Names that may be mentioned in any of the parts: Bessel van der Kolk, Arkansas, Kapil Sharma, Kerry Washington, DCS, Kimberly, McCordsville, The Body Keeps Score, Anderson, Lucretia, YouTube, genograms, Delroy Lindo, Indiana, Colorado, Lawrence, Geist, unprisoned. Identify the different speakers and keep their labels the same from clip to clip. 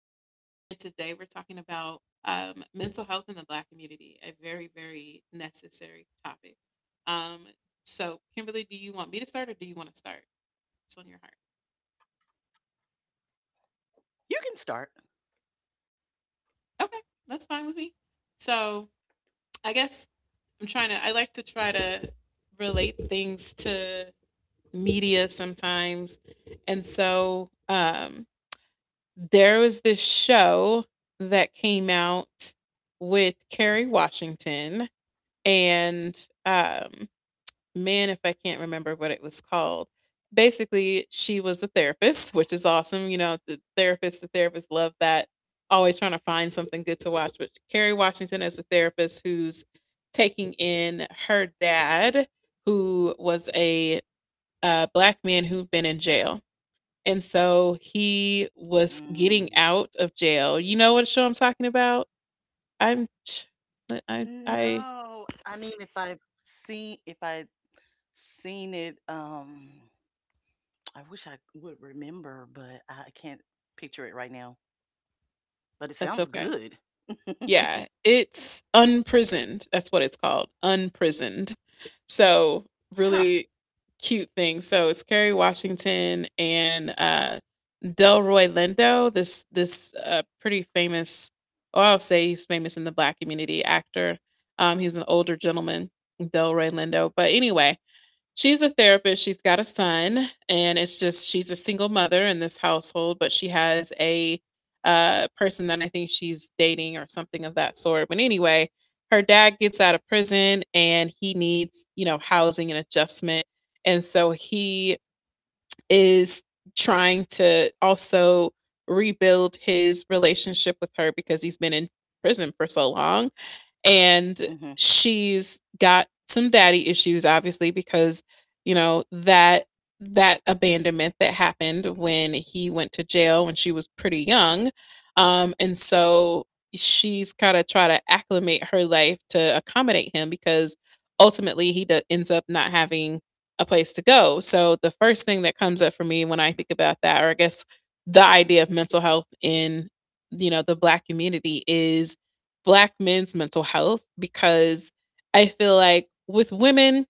Speaker 1: talking about mental health in the Black community, a very, very necessary topic. Um, so, Kimberly, do you want me to start or do you want to start? It's on your heart.
Speaker 2: You can start.
Speaker 1: Okay. That's fine with me. So, I guess I like to try to relate things to media sometimes. And so, there was this show that came out with Kerry Washington and um man, if I can't remember what it was called. Basically, she was a therapist, which is awesome. You know, the therapist love that. Always trying to find something good to watch. But Kerry Washington is a therapist who's taking in her dad, who was a black man who'd been in jail, and so he
Speaker 2: Mm.
Speaker 1: was getting out of jail. You know what show I'm talking about? I'm ch- I I
Speaker 2: No,
Speaker 1: I-
Speaker 2: I mean if I've seen, if I have seen it, I wish I would remember, but I can't picture it right now. But it sounds
Speaker 1: that's
Speaker 2: good.
Speaker 1: okay. Yeah, it's Unprisoned. That's what it's called, Unprisoned. So
Speaker 2: Huh.
Speaker 1: really cute thing. So it's Kerry Washington and Delroy Lindo, this pretty famous, or I'll say he's famous in the Black community, actor. He's an older gentleman, Delroy Lindo. But anyway, she's a therapist. She's got a son, and it's just she's a single mother in this household, but she has a person that I think she's dating or something of that sort. But anyway, her dad gets out of prison and he needs, you know, housing and adjustment. And so he is trying to also rebuild his relationship with her because he's been in prison for so long, and
Speaker 2: Mhm.
Speaker 1: she's got some daddy issues, obviously, because you know that abandonment that happened when he went to jail when she was pretty young. And so she's kind of try to acclimate her life to accommodate him because ultimately ends up not having a place to go. So the first thing that comes up for me when I think about that, or I guess the idea of mental health in, you know, the black community, is black men's mental health, because I feel like with women,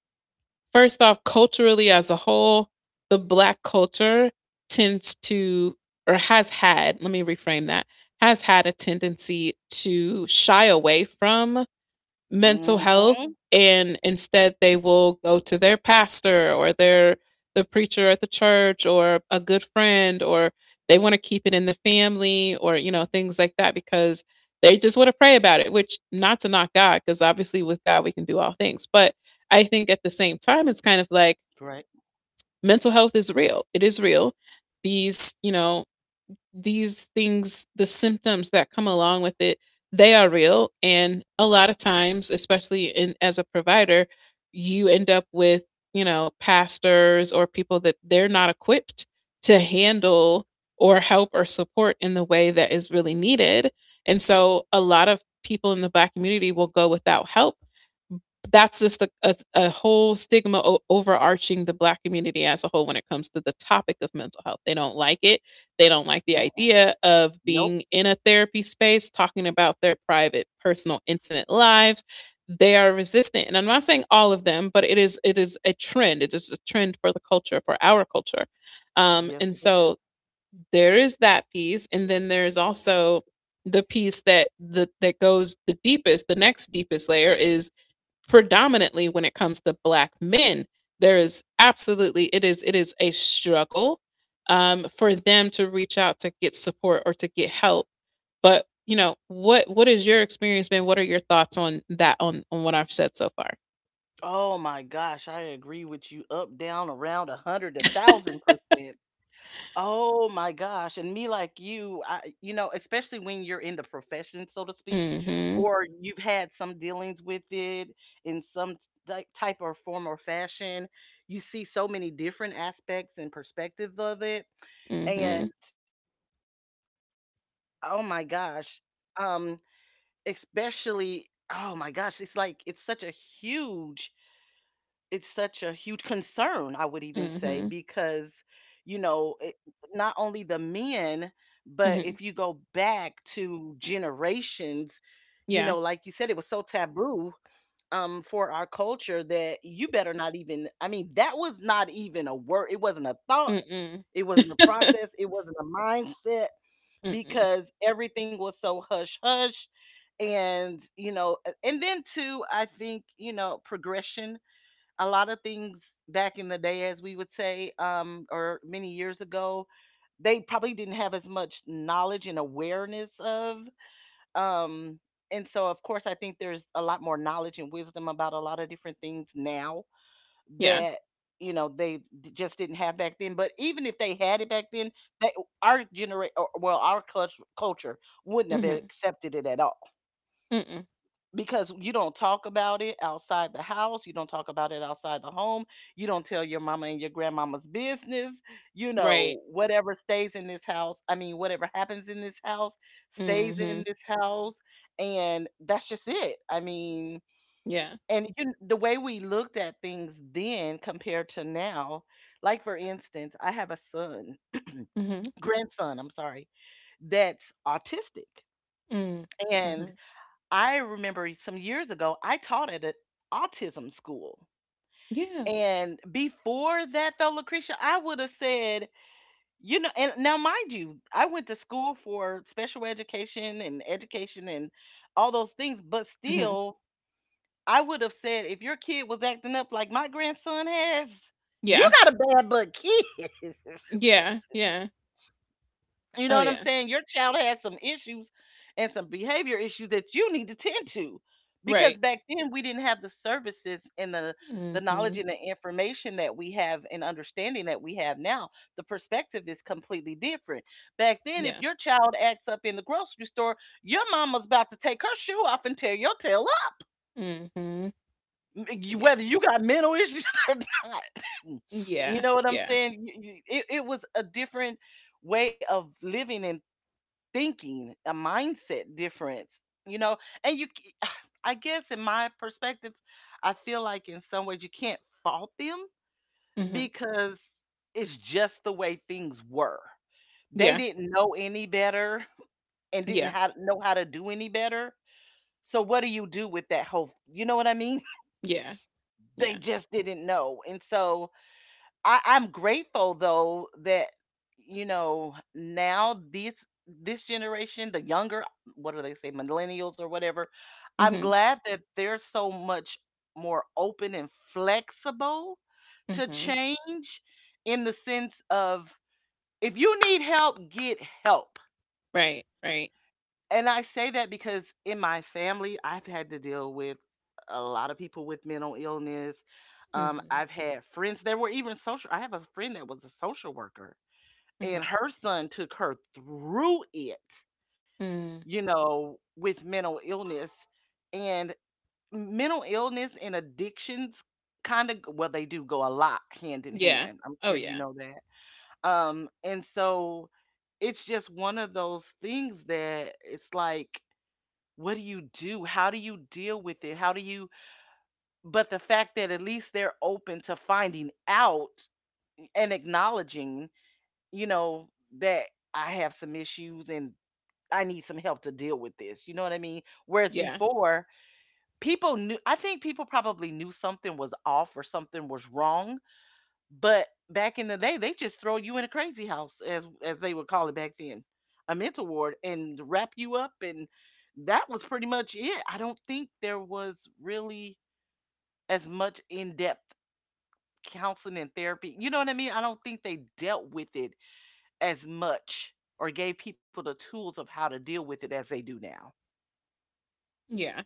Speaker 1: first off, culturally as a whole, the black culture tends to, or has had, let me reframe that, has had a tendency to shy away from mental health,
Speaker 2: Mhm.
Speaker 1: and instead they will go to their pastor or the preacher at the church or a good friend, or they want to keep it in the family, or you know, things like that, because they just want to pray about it, which not to knock god, because obviously with god we can do all things, but I think at the same time it's kind of like
Speaker 2: Right.
Speaker 1: mental health is real, it is real. These, you know, these things, the symptoms that come along with it, they are real. And a lot of times, especially in as a provider, you end up with, you know, pastors or people that they're not equipped to handle or help or support in the way that is really needed. And so a lot of people in the black community will go without help. That's just a whole stigma overarching the black community as a whole when it comes to the topic of mental health. They don't like it. They don't like
Speaker 2: Mm.
Speaker 1: the idea of
Speaker 2: Nope.
Speaker 1: being in a therapy space, talking about their private, personal, intimate lives. They are resistant. And I'm not saying all of them, but it is a trend. It is a trend for the culture, for our culture. Um,
Speaker 2: Yes,
Speaker 1: and
Speaker 2: it is.
Speaker 1: so there is that piece. And then there is also the piece that that goes the deepest, the next deepest layer is predominantly when it comes to black men. There is absolutely, it is a struggle, for them to reach out to get support or to get help. But you know what is your experience been? What are your thoughts on that, on what I've said so far?
Speaker 2: Oh my gosh, I agree with you. Up, down, around, a hundred, 1,000%. Oh my gosh, and me like you, I, especially when you're in the profession, so to speak,
Speaker 1: Mhm.
Speaker 2: or you've had some dealings with it in some type or form or fashion, you see so many different aspects and perspective of it.
Speaker 1: Mhm.
Speaker 2: And oh my gosh, um, especially, oh my gosh, it's like huge it's such a huge concern, I would even say, because,
Speaker 1: Mhm.
Speaker 2: you know, it, not only the men, but if you
Speaker 1: Mhm.
Speaker 2: go back to generations, you know,
Speaker 1: Yeah.
Speaker 2: like you said, it was so taboo for our culture that you better not even, I mean, that was not even a word. It wasn't a thought,
Speaker 1: Mm. Mm.
Speaker 2: it wasn't a process, it wasn't a mindset, because everything was so hush hush. And you know, and then too, I think, you know, progression, a lot of things back in the day, as we would say, or many years ago, they probably didn't have as much knowledge and awareness of. Um, and so, of course, I think there's a lot more knowledge and wisdom about a lot of different things now
Speaker 1: Yeah.
Speaker 2: that you know just didn't have back then. But even if they had it back then, they, our generation, well, our culture, culture wouldn't have
Speaker 1: Mhm.
Speaker 2: accepted it at all.
Speaker 1: Mm.
Speaker 2: Because you don't talk about it outside the house, you don't talk about it outside the home, you don't tell your mama and your grandmama's business. You
Speaker 1: Right.
Speaker 2: know, whatever stays in this house, I mean, whatever happens in this house stays in
Speaker 1: Mhm.
Speaker 2: this house, and that's just it. I mean,
Speaker 1: Yeah.
Speaker 2: and you, the way we looked at things then compared to now, like for instance, I have a son,
Speaker 1: Mhm.
Speaker 2: grandson, I'm sorry, that's autistic.
Speaker 1: Mm.
Speaker 2: And
Speaker 1: Mhm.
Speaker 2: I remember some years ago, I taught at an autism school.
Speaker 1: Yeah.
Speaker 2: And before that, though, Lucretia, I would have said, you know, and now mind you, I went to school for special education and education and all those things, but
Speaker 1: Mhm.
Speaker 2: still, I would have said, if your kid was acting up like my grandson has, you
Speaker 1: Yeah.
Speaker 2: got a bad butt kid.
Speaker 1: Yeah, yeah.
Speaker 2: You know
Speaker 1: Oh
Speaker 2: what I'm
Speaker 1: yeah.
Speaker 2: saying? Your child has some issues and some behavior issues that you need to tend to. Because
Speaker 1: Right.
Speaker 2: back then we didn't have the services and the
Speaker 1: Mhm.
Speaker 2: knowledge and the information that we have and understanding that we have now. The perspective is completely different. Back then, if
Speaker 1: Yeah.
Speaker 2: your child acts up in the grocery store, your mama's about to take her shoe off and tear your tail
Speaker 1: Mhm.
Speaker 2: up.
Speaker 1: Yeah.
Speaker 2: Whether you got mental issues or not. You
Speaker 1: Yeah.
Speaker 2: know what I'm
Speaker 1: Yeah.
Speaker 2: saying? It was a different way of living and thinking, a mindset difference, you know? And you, I guess, in my perspective, I feel like in some ways you can't fault them
Speaker 1: Mhm.
Speaker 2: because it's just the way things were. They
Speaker 1: Yeah.
Speaker 2: didn't know any better and didn't
Speaker 1: Yeah.
Speaker 2: know how to do any better. So, what do you do with that whole, you know what I mean?
Speaker 1: Yeah.
Speaker 2: They
Speaker 1: Yeah.
Speaker 2: just didn't know. And so, I'm grateful though that you know now this generation, the younger, what do they say, millennials or whatever. I'm
Speaker 1: Mhm.
Speaker 2: glad that they're so much more open and flexible to
Speaker 1: Mhm.
Speaker 2: change in the sense of if you need help, get help.
Speaker 1: Right. Right.
Speaker 2: And I say that because in my family, I've had to deal with a lot of people with mental illness.
Speaker 1: Mhm.
Speaker 2: I've had friends that were even social. I have a friend that was a social worker and
Speaker 1: Mhm.
Speaker 2: her son took her through it,
Speaker 1: Mm.
Speaker 2: you know, with and mental illness and addictions kind of, well, they do go a lot hand in
Speaker 1: Yeah.
Speaker 2: hand. I'm
Speaker 1: Oh
Speaker 2: sure you
Speaker 1: yeah.
Speaker 2: know that. And so it's just one of those things that it's like what do you do? How do you deal with it? How do you but the fact that at least they're open to finding out and acknowledging, you know, that I have some issues and I need some help to deal with this. You know what I mean? Whereas
Speaker 1: Yeah.
Speaker 2: before, people knew, I think people probably knew something was off or something was wrong. But back in the day, they just throw you in a crazy house, as they would call it back then, a mental ward, and wrap you up. And that was pretty much it. I don't think there was really as much in depth counseling and therapy. You know what I mean? I don't think they dealt with it as much or gave people the tools of how to deal with it as they do now.
Speaker 1: Yeah.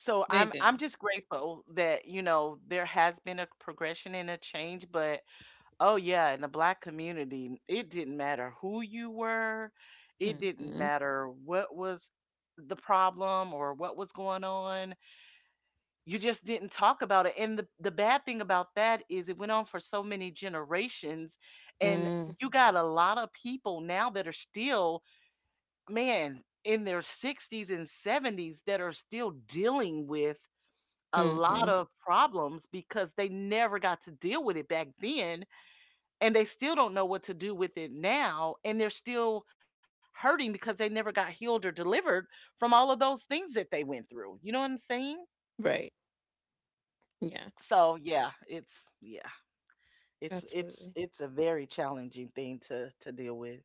Speaker 2: So
Speaker 1: They
Speaker 2: I'm
Speaker 1: didn't.
Speaker 2: just grateful that, you know, there has been a progression and a change, but oh yeah, in the black community, it didn't matter who you were, it didn't
Speaker 1: Mhm.
Speaker 2: matter what was the problem or what was going on. You just didn't talk about it. And the bad thing about that is it went on for so many generations and
Speaker 1: Mm.
Speaker 2: you got a lot of people now that are still, man, in their 60s and 70s that are still dealing with a lot
Speaker 1: Mhm.
Speaker 2: of problems because they never got to deal with it back then and they still don't know what to do with it now and they're still hurting because they never got healed or delivered from all of those things that they went through. You know what I'm saying?
Speaker 1: Right. Yeah.
Speaker 2: So, yeah, it's yeah. It's it's
Speaker 1: Absolutely.
Speaker 2: it's a very challenging thing to deal with.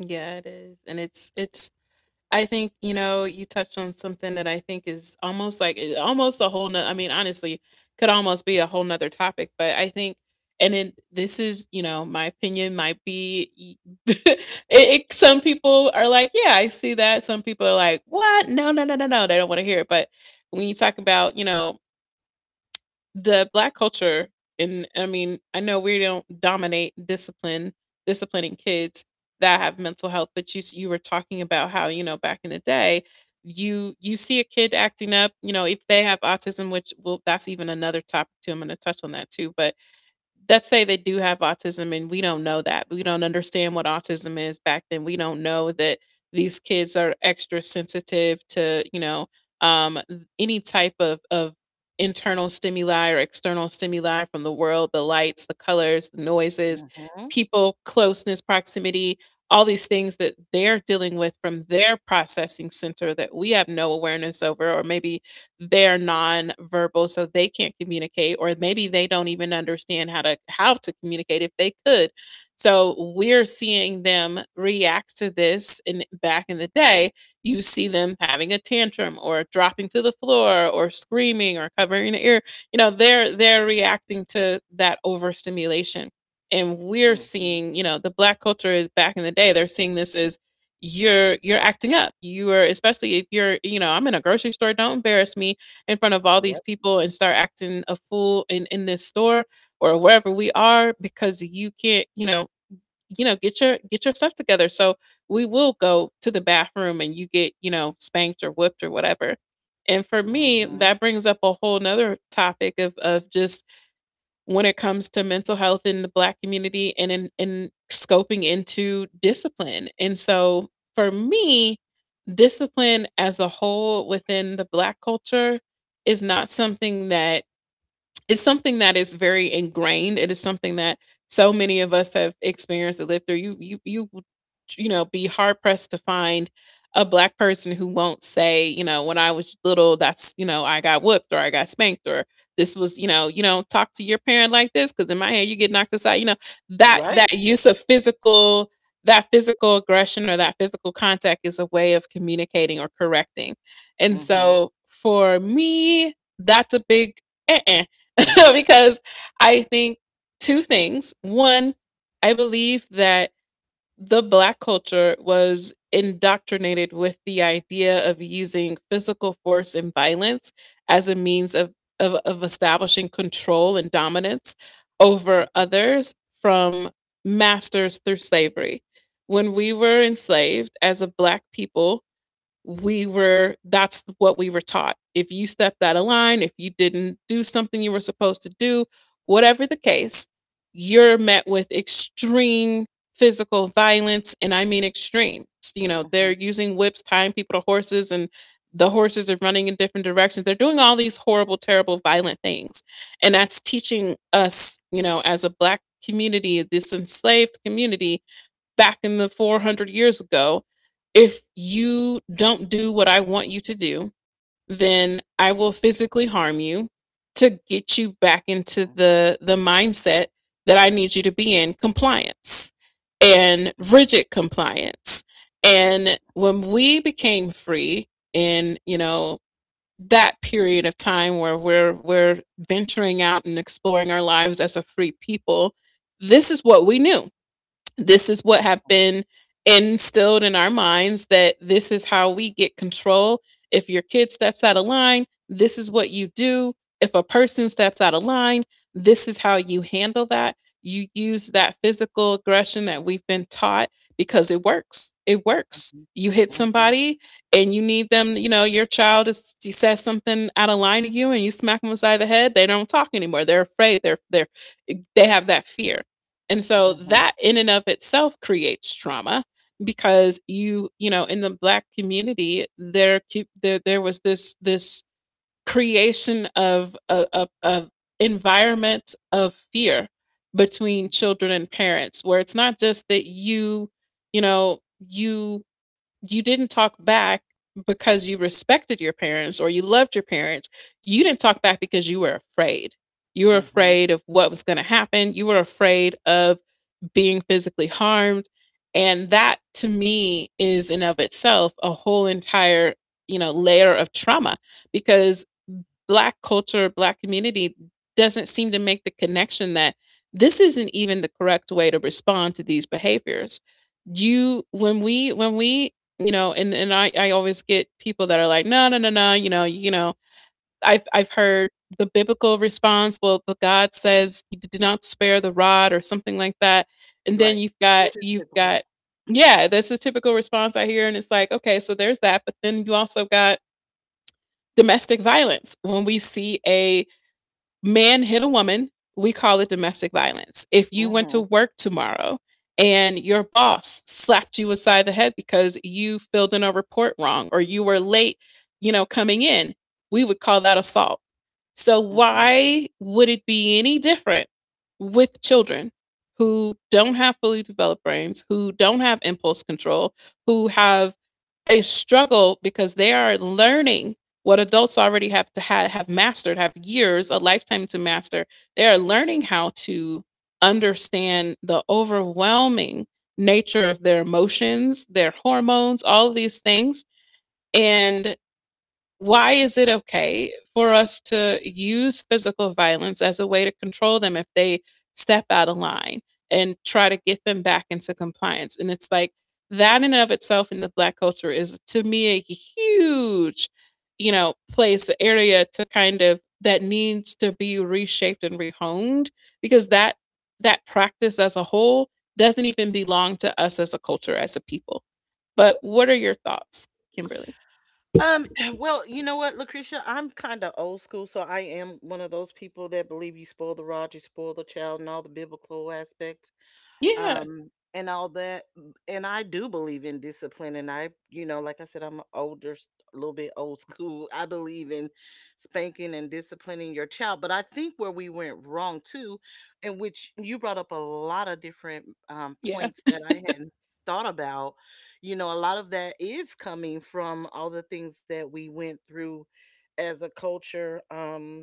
Speaker 1: Yeah, it is. And it's I think, you know, you touched on something that I think is almost like almost a whole, no I mean, honestly, could almost be a whole nother topic. But I think, and then this is, you know, my opinion might be it, it, some people are like, yeah, I see that. Some people are like, what? No, no, no, no, no. They don't want to hear it. But when you talk about, you know, the black culture, and I mean, I know we don't dominate discipline disciplining kids that have mental health. But you were talking about how, you know, back in the day, you see a kid acting up, you know, if they have autism, which, well, that's even another topic too, I'm going to touch on that too. But let's say they do have autism and we don't know that, we don't understand what autism is back then, we don't know that these kids are extra sensitive to, you know, any type of internal stimuli or external stimuli from the world, the lights, the colors, the noises,
Speaker 2: Mhm.
Speaker 1: people, closeness, proximity, all these things that they're dealing with from their processing center that we have no awareness over. Or maybe they're nonverbal, so they can't communicate, or maybe they don't even understand how to communicate if they could. So we're seeing them react to this. And back in the day, you see them having a tantrum or dropping to the floor or screaming or covering the ear. You know, they're reacting to that overstimulation. And we're
Speaker 2: Mhm.
Speaker 1: seeing, you know, the black culture is, back in the day, they're seeing this as, you're acting up. You are, especially if you're, you know, I'm in a grocery store, don't embarrass me in front of all
Speaker 2: Yep.
Speaker 1: these people and start acting a fool in this store, or wherever we are, because you can't, you know, get your, get your stuff together. So we will go to the bathroom and you get, you know, spanked or whipped or whatever. And for me,
Speaker 2: Mhm.
Speaker 1: that brings up a whole nother topic of just when it comes to mental health in the black community and in scoping into discipline. And so for me, discipline as a whole within the black culture is not something that, it's something that is very ingrained. It is something that so many of us have experienced and lived through. You you know, be hard pressed to find a black person who won't say, you know, when I was little, that's, you know, I got whooped or I got spanked, or this was, you know, you don't talk to your parent like this because in my head you get knocked aside. You know, that
Speaker 2: Right.
Speaker 1: use of physical, that physical aggression or that physical contact is a way of communicating or correcting. And
Speaker 2: Mm-hmm.
Speaker 1: so for me, that's a big uh-uh. Because I think two things. One, I believe that the black culture was indoctrinated with the idea of using physical force and violence as a means of establishing control and dominance over
Speaker 2: Mm-hmm.
Speaker 1: others from masters through slavery. When we were enslaved as a black people, we were, that's what we were taught. If you stepped out of line, if you didn't do something you were supposed to do, whatever the case, you're met with extreme physical violence. And I mean extreme. You know, they're
Speaker 2: Mm-hmm.
Speaker 1: using whips, tying people to horses, and the horses are running in different directions, they're doing all these horrible, terrible, violent things. And that's teaching us, you know, as a black community, this enslaved community, back in the 400 years ago, if you don't do what I want you to do, then I will physically harm you to get you back
Speaker 2: Mm-hmm.
Speaker 1: into the mindset that I need you to be in, compliance and
Speaker 2: Mm-hmm.
Speaker 1: rigid compliance. And when we became free, in, you know, that period of time where we're venturing out and exploring our lives as a free people, this is what we knew. This is what have been instilled in our minds, that this is how we get control. If your kid steps out of line, this is what you do. If a person steps out of line, this is how you handle that. You use that physical aggression that we've been taught, because it works. It works. You hit
Speaker 2: Mm-hmm.
Speaker 1: somebody and you need them, you know, your child is, says something out of line to you and you smack them beside the head, they don't talk anymore. They're afraid. They have that fear, and so
Speaker 2: Mm-hmm.
Speaker 1: that in and of itself creates trauma because in the black community, there was this creation of environment of fear between children and parents, where it's not just that you know, you you didn't talk back because you respected your parents or you loved your parents. You didn't talk back because you were afraid. You were
Speaker 2: Mm-hmm.
Speaker 1: afraid of what was going to happen. You were afraid of being physically harmed. And that to me is in of itself a whole entire, you know, layer of trauma, because black culture, black community doesn't seem to make the connection that this isn't even the correct way to respond to these behaviors. You when we you know and I always get people that are like, no, I've heard the biblical response. Well, the God says he did not spare the rod, or something like that. And then
Speaker 2: Right.
Speaker 1: you've got
Speaker 2: Which is
Speaker 1: you've
Speaker 2: typical.
Speaker 1: got yeah, that's the typical response I hear. And it's like, okay, so there's that, but then you also got domestic violence. When we see a man hit a woman, we call it domestic violence. If you went to
Speaker 2: Mm-hmm.
Speaker 1: work tomorrow and your boss slapped you aside the head because you filled in a report wrong or you were late, you know, coming in, we would call that assault. So
Speaker 2: Mm-hmm.
Speaker 1: why would it be any different with children who don't have fully developed brains, who don't have impulse control, who have a struggle because they are learning what adults already have mastered, have years, a lifetime to master. They are learning how to understand the overwhelming nature of their emotions, their hormones, all of these things. And why is it okay for us to use physical violence as a way to control them if they step out of line and try to get them back into compliance? And it's like that in and of itself in the black culture is to me a huge, you know, place, area to kind of that needs to be reshaped and rehomed, because that practice as a whole doesn't even belong to us as a culture, as a people. But what are your thoughts, Kimberly?
Speaker 2: Um, well, you know what, Lucretia, I'm kind of old school, so I am one of those people that believe you spoil the rod, you spoil the child, and all the biblical aspects.
Speaker 1: Yeah,
Speaker 2: And all that, and I do believe in discipline, and I you know, like I said, I'm older, a little bit old school, I believe in spanking and disciplining your child. But I think where we went wrong too, in which you brought up a lot of different
Speaker 1: yeah.
Speaker 2: points that I hadn't thought about. You know, a lot of that is coming from all the things that we went through as a culture,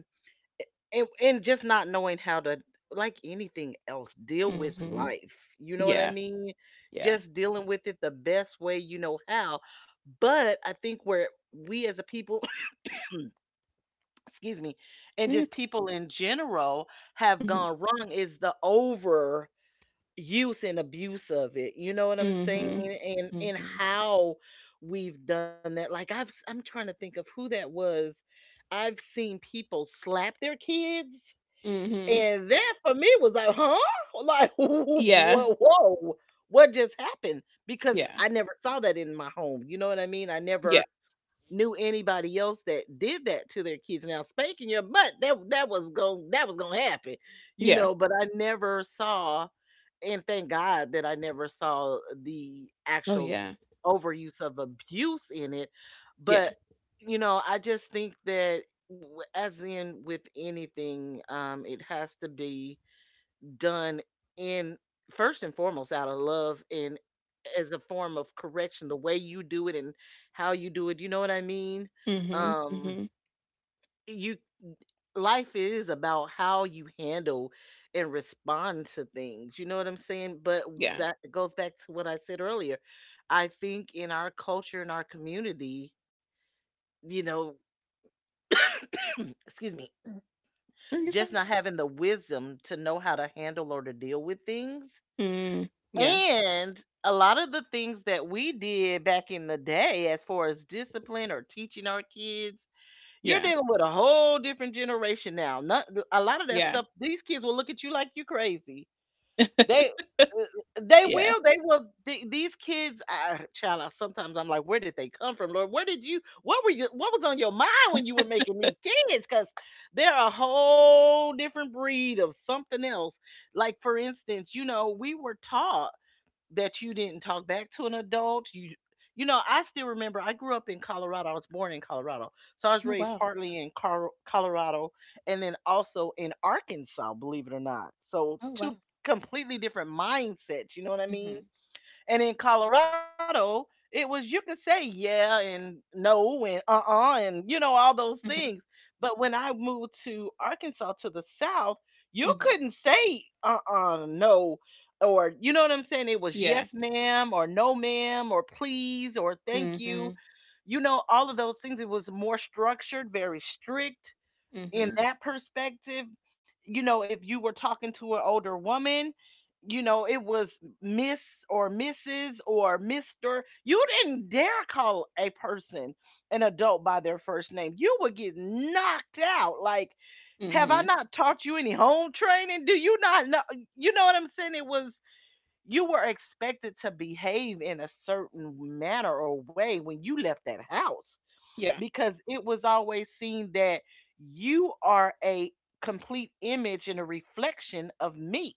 Speaker 2: and just not knowing how to, like anything else, deal with
Speaker 1: Mhm.
Speaker 2: life, you know what I
Speaker 1: Yeah,
Speaker 2: mean,
Speaker 1: yeah.
Speaker 2: just dealing with it the best way you know how. But I think where we as a people excuse me, and
Speaker 1: Very
Speaker 2: just
Speaker 1: p
Speaker 2: people in general, have
Speaker 1: Mhm,
Speaker 2: gone wrong is the over use and abuse of it, you know what I'm saying?
Speaker 1: mhm,
Speaker 2: And
Speaker 1: mhm,
Speaker 2: how we've done that, like I'm trying to think of who that was. I've seen people slap their kids,
Speaker 1: mhm.
Speaker 2: and that for me was like, huh? Like,
Speaker 1: Yeah,
Speaker 2: whoa, whoa, what just happened? Because
Speaker 1: yeah,
Speaker 2: I never saw that in my home. You know what I mean? I
Speaker 1: yeah,
Speaker 2: never knew anybody else that did that to their kids. Now spanking your butt, that was going that was gonna happen, you
Speaker 1: yeah.
Speaker 2: know. But I never saw, and thank God that I never saw the
Speaker 1: Oh,
Speaker 2: actual
Speaker 1: yeah,
Speaker 2: overuse of abuse in it.
Speaker 1: yeah.
Speaker 2: But you know, I just think that as in with anything, it has to be done in, first and foremost, out of love and as a form of correction, the way you do it and how you do it, you know what I mean?
Speaker 1: Mhm,
Speaker 2: um
Speaker 1: mhm,
Speaker 2: you, life is about how you handle and respond to things, you know what I'm saying? But
Speaker 1: yeah.
Speaker 2: that goes back to what I said earlier. I think in our culture, in our community, you know, excuse me,
Speaker 1: No, you're
Speaker 2: just
Speaker 1: fine.
Speaker 2: not having the wisdom to know how to handle or to deal with things.
Speaker 1: Mm, yeah,
Speaker 2: And a lot of the things that we did back in the day, as far as discipline or teaching our kids, you're
Speaker 1: yeah,
Speaker 2: dealing with a whole different generation now. Not, a lot of that
Speaker 1: yeah,
Speaker 2: stuff, these kids will look at you like you crazy. They, they
Speaker 1: yeah.
Speaker 2: will. They will. These kids, child. Sometimes I'm like, where did they come from, Lord? Where did you? What were you? What was on your mind when you were making these kids? Because they're a whole different breed of something else. Like for instance, you know, we were taught that you didn't talk back to an adult. You know, I still remember I grew up in Colorado. I was born in Colorado, so I was
Speaker 1: Oh,
Speaker 2: raised
Speaker 1: wow.
Speaker 2: partly in Colorado, and then also in Arkansas, believe it or not. So
Speaker 1: Oh,
Speaker 2: two
Speaker 1: wow.
Speaker 2: completely different mindsets, you know what I mean?
Speaker 1: Mhm,
Speaker 2: And in Colorado, it was you could say yeah and no and uh-uh, and you know, all those
Speaker 1: mhm,
Speaker 2: things. But when I moved to Arkansas, to the south, you
Speaker 1: mhm.
Speaker 2: couldn't say uh-uh, no, or you know what I'm saying? It was
Speaker 1: Yeah.
Speaker 2: yes ma'am or no ma'am or please or thank you.
Speaker 1: Mhm,
Speaker 2: You know, all of those things. It was more structured, very strict in
Speaker 1: mhm,
Speaker 2: that perspective. You know, if you were talking to an older woman, you know, it was Miss or Mrs. or Mr. You didn't dare call a person, an adult, by their first name. You would get knocked out. Like, have I
Speaker 1: mhm.
Speaker 2: not taught you any home training? Do you not know? You know what I'm saying? It was, you were expected to behave in a certain manner or way when you left that house,
Speaker 1: Yeah.
Speaker 2: because it was always seen that you are a complete image and a reflection of me.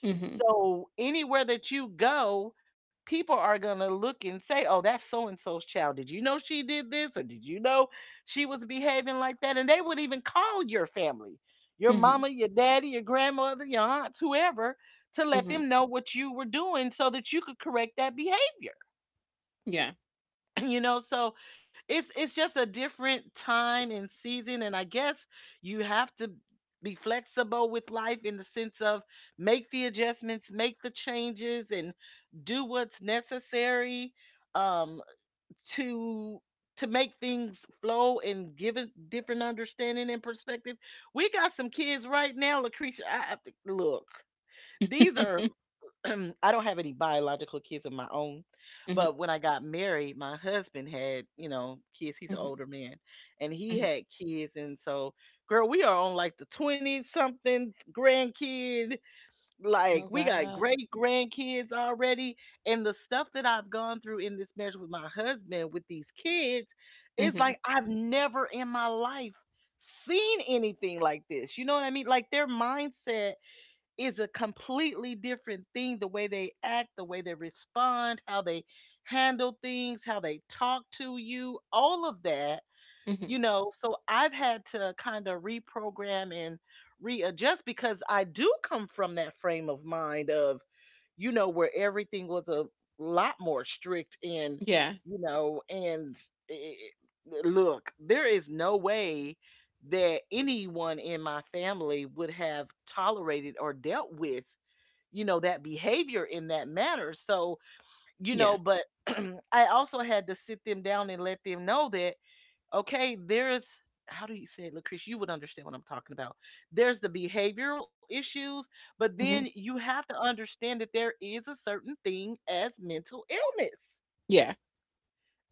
Speaker 1: Mhm,
Speaker 2: So anywhere that you go, people are going to look and say, "Oh, that's so and so's child. Did you know she did this, or did you know she was behaving like that?" And they would even call your family, your
Speaker 1: mhm,
Speaker 2: mama, your daddy, your grandmother, your aunts, whoever, to let
Speaker 1: mhm.
Speaker 2: them know what you were doing so that you could correct that behavior.
Speaker 1: Yeah.
Speaker 2: You know, so it's just a different time and season. And I guess you have to be flexible with life, in the sense of, make the adjustments, make the changes, and do what's necessary, um to to make things flow and give a different understanding and perspective. We got some kids right now, Lucretia, I have to look. These are— I don't have any biological kids of my own,
Speaker 1: Mhm,
Speaker 2: but when I got married, my husband had, you know, kids. He's an
Speaker 1: mhm,
Speaker 2: older man, and
Speaker 1: mhm.
Speaker 2: he had kids, and so, girl, we are on like the 20 something grandkid.
Speaker 1: Oh,
Speaker 2: Like, we got
Speaker 1: wow.
Speaker 2: great grandkids already, and the stuff that I've gone through in this marriage with my husband with these kids, it's
Speaker 1: Mhm,
Speaker 2: like I've never in my life seen anything like this. You know what I mean? Like, their mindset is a completely different thing, the way they act, the way they respond, how they handle things, how they talk to you, all of that,
Speaker 1: mhm.
Speaker 2: you know. So I've had to kind of reprogram and readjust, because I do come from that frame of mind of, you know, where everything was a lot more strict. And,
Speaker 1: Yeah,
Speaker 2: you know, and I look, there is no way that anyone in my family would have tolerated or dealt with, you know, that behavior in that manner. So, you
Speaker 1: yeah.
Speaker 2: know, but I also had to sit them down and let them know that, okay, there's, how do you say it, Lucretia? You would understand what I'm talking about. There's the behavioral issues, but then
Speaker 1: Mhm.
Speaker 2: you have to understand that there is a certain thing as mental illness.
Speaker 1: Yeah.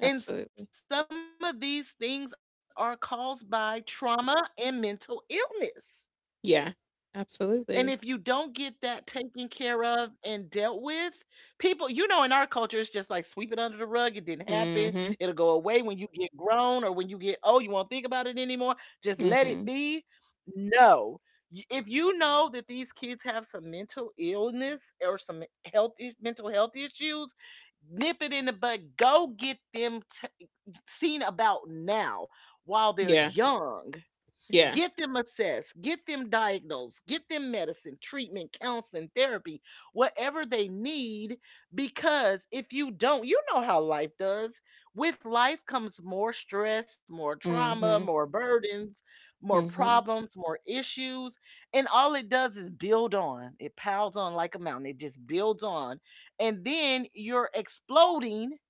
Speaker 2: And some of these things are caused by trauma and mental illness.
Speaker 1: Yeah.
Speaker 2: And if you don't get
Speaker 1: Absolutely.
Speaker 2: that taken care of and dealt with, people, you know, in our culture, it's just like, sweep it under the rug. It didn't happen. It'll go
Speaker 1: Mhm.
Speaker 2: away when you get grown, or when you get, oh, you won't think about it anymore. Just let it
Speaker 1: Mhm.
Speaker 2: be. No. If you know that these kids have some mental illness or some mental health issues, nip it in the bud. Go get them seen about now, while they're
Speaker 1: Yeah.
Speaker 2: young.
Speaker 1: Yeah.
Speaker 2: Get them assessed, get them diagnosed, get them medicine, treatment, counseling, therapy, whatever they need. Because if you don't, you know how life does. With life comes more stress, more trauma,
Speaker 1: Mhm.
Speaker 2: more burdens, more
Speaker 1: Mhm.
Speaker 2: problems, more issues. And all it does is build on. It piles on like a mountain, it just builds on. And then you're exploding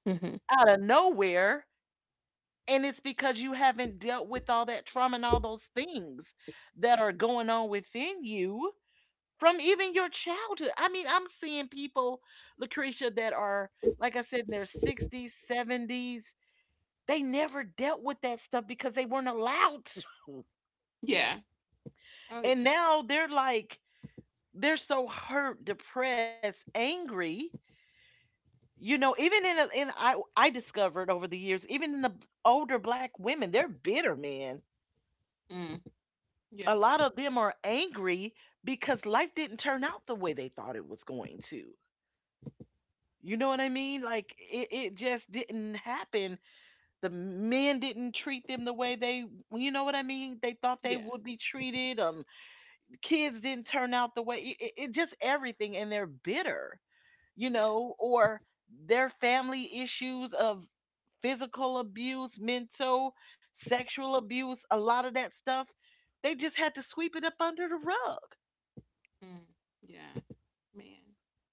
Speaker 1: Mhm.
Speaker 2: out of nowhere, and it's because you haven't dealt with all that trauma and all those things that are going on within you from even your childhood. I mean, I'm seeing people, Lucretia, that are, like I said, in their 60s, 70s. They never dealt with that stuff because they weren't allowed to.
Speaker 1: Yeah. Oh yeah.
Speaker 2: And now they're like, they're so hurt, depressed, angry. You know, even in, a, in I discovered over the years, even in the older black women, they're bitter, man.
Speaker 1: Mm. Yeah.
Speaker 2: A lot of them are angry because life didn't turn out the way they thought it was going to. You know what I mean? Like, it just didn't happen. The men didn't treat them the way they, you know what I mean? They thought
Speaker 1: Yeah.
Speaker 2: they would be treated. Kids didn't turn out the way. It just everything, and they're bitter. You
Speaker 1: Yeah.
Speaker 2: know, or their family issues of physical abuse, mental, sexual abuse, a lot of that stuff. They just had to sweep it up under the rug.
Speaker 1: Mm. Yeah. Man.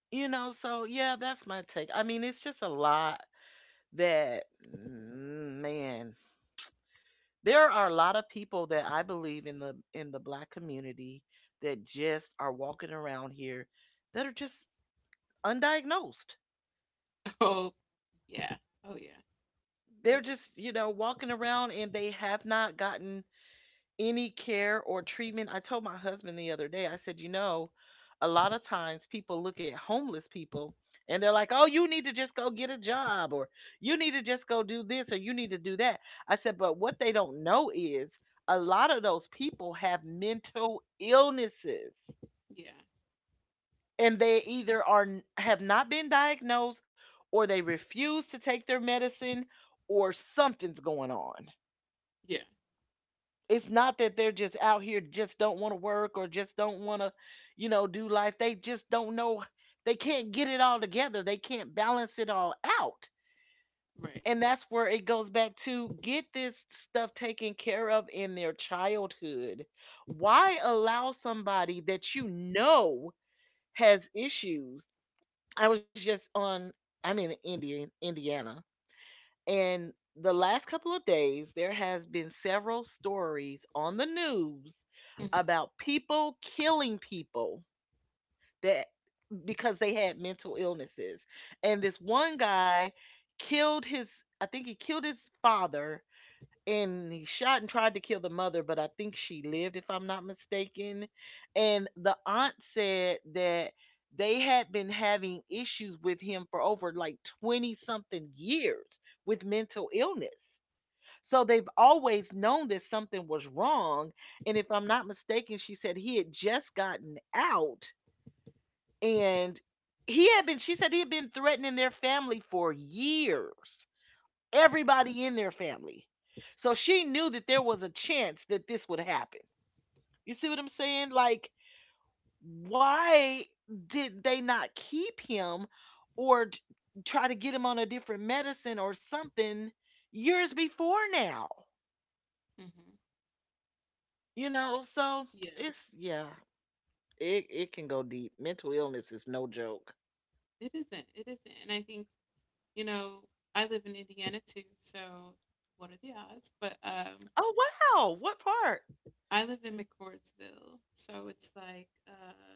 Speaker 2: You know, so yeah, that's my take. I mean, it's just a lot that, man, there are a lot of people that I believe in the black community that just are walking around here, that are just undiagnosed.
Speaker 1: Oh yeah. Oh yeah. Oh
Speaker 2: They're
Speaker 1: yeah.
Speaker 2: just, you know, walking around, and they have not gotten any care or treatment. I told my husband the other day, I said, you know, a lot of times people look at homeless people and they're like, oh, you need to just go get a job, or you need to just go do this, or you need to do that. I said, but what they don't know is a lot of those people have mental illnesses,
Speaker 1: Yeah.
Speaker 2: and
Speaker 1: Abs-
Speaker 2: they either have not been diagnosed, or they refuse to take their medicine, or something's going on.
Speaker 1: Yeah.
Speaker 2: It's not that they're just out here just don't wanna work or just don't wanna, you know, do life. They just don't know, they can't get it all together, they can't balance it all out.
Speaker 1: Right.
Speaker 2: And that's where it goes back to, get this stuff taken care of in their childhood. Why allow somebody that you know has issues? I was just on I'm in Indiana, and the last couple of days, there has been several stories on the news
Speaker 1: Mhm.
Speaker 2: about people killing people, that, because they had mental illnesses. And this one guy killed his I think he killed his father, and he shot and tried to kill the mother, but I think she lived, if I'm not mistaken. And the aunt said that they had been having issues with him for over like 20 something years with mental illness. So they've always known that something was wrong. And if I'm not mistaken, she said he had just gotten out, and she said he had been threatening their family for years, everybody in their family. So she knew that there was a chance that this would happen. You see what I'm saying? Like, why did they not keep him, or try to get him on a different medicine or something, years before now?
Speaker 1: Mhm.
Speaker 2: You know, so
Speaker 1: Yeah.
Speaker 2: it's yeah, it can go deep. Mental illness is no joke.
Speaker 1: It isn't. It isn't. And I think, you know, I live in Indiana too, so what are the odds? But
Speaker 2: Oh wow, what part?
Speaker 1: I live in McCordsville, so it's like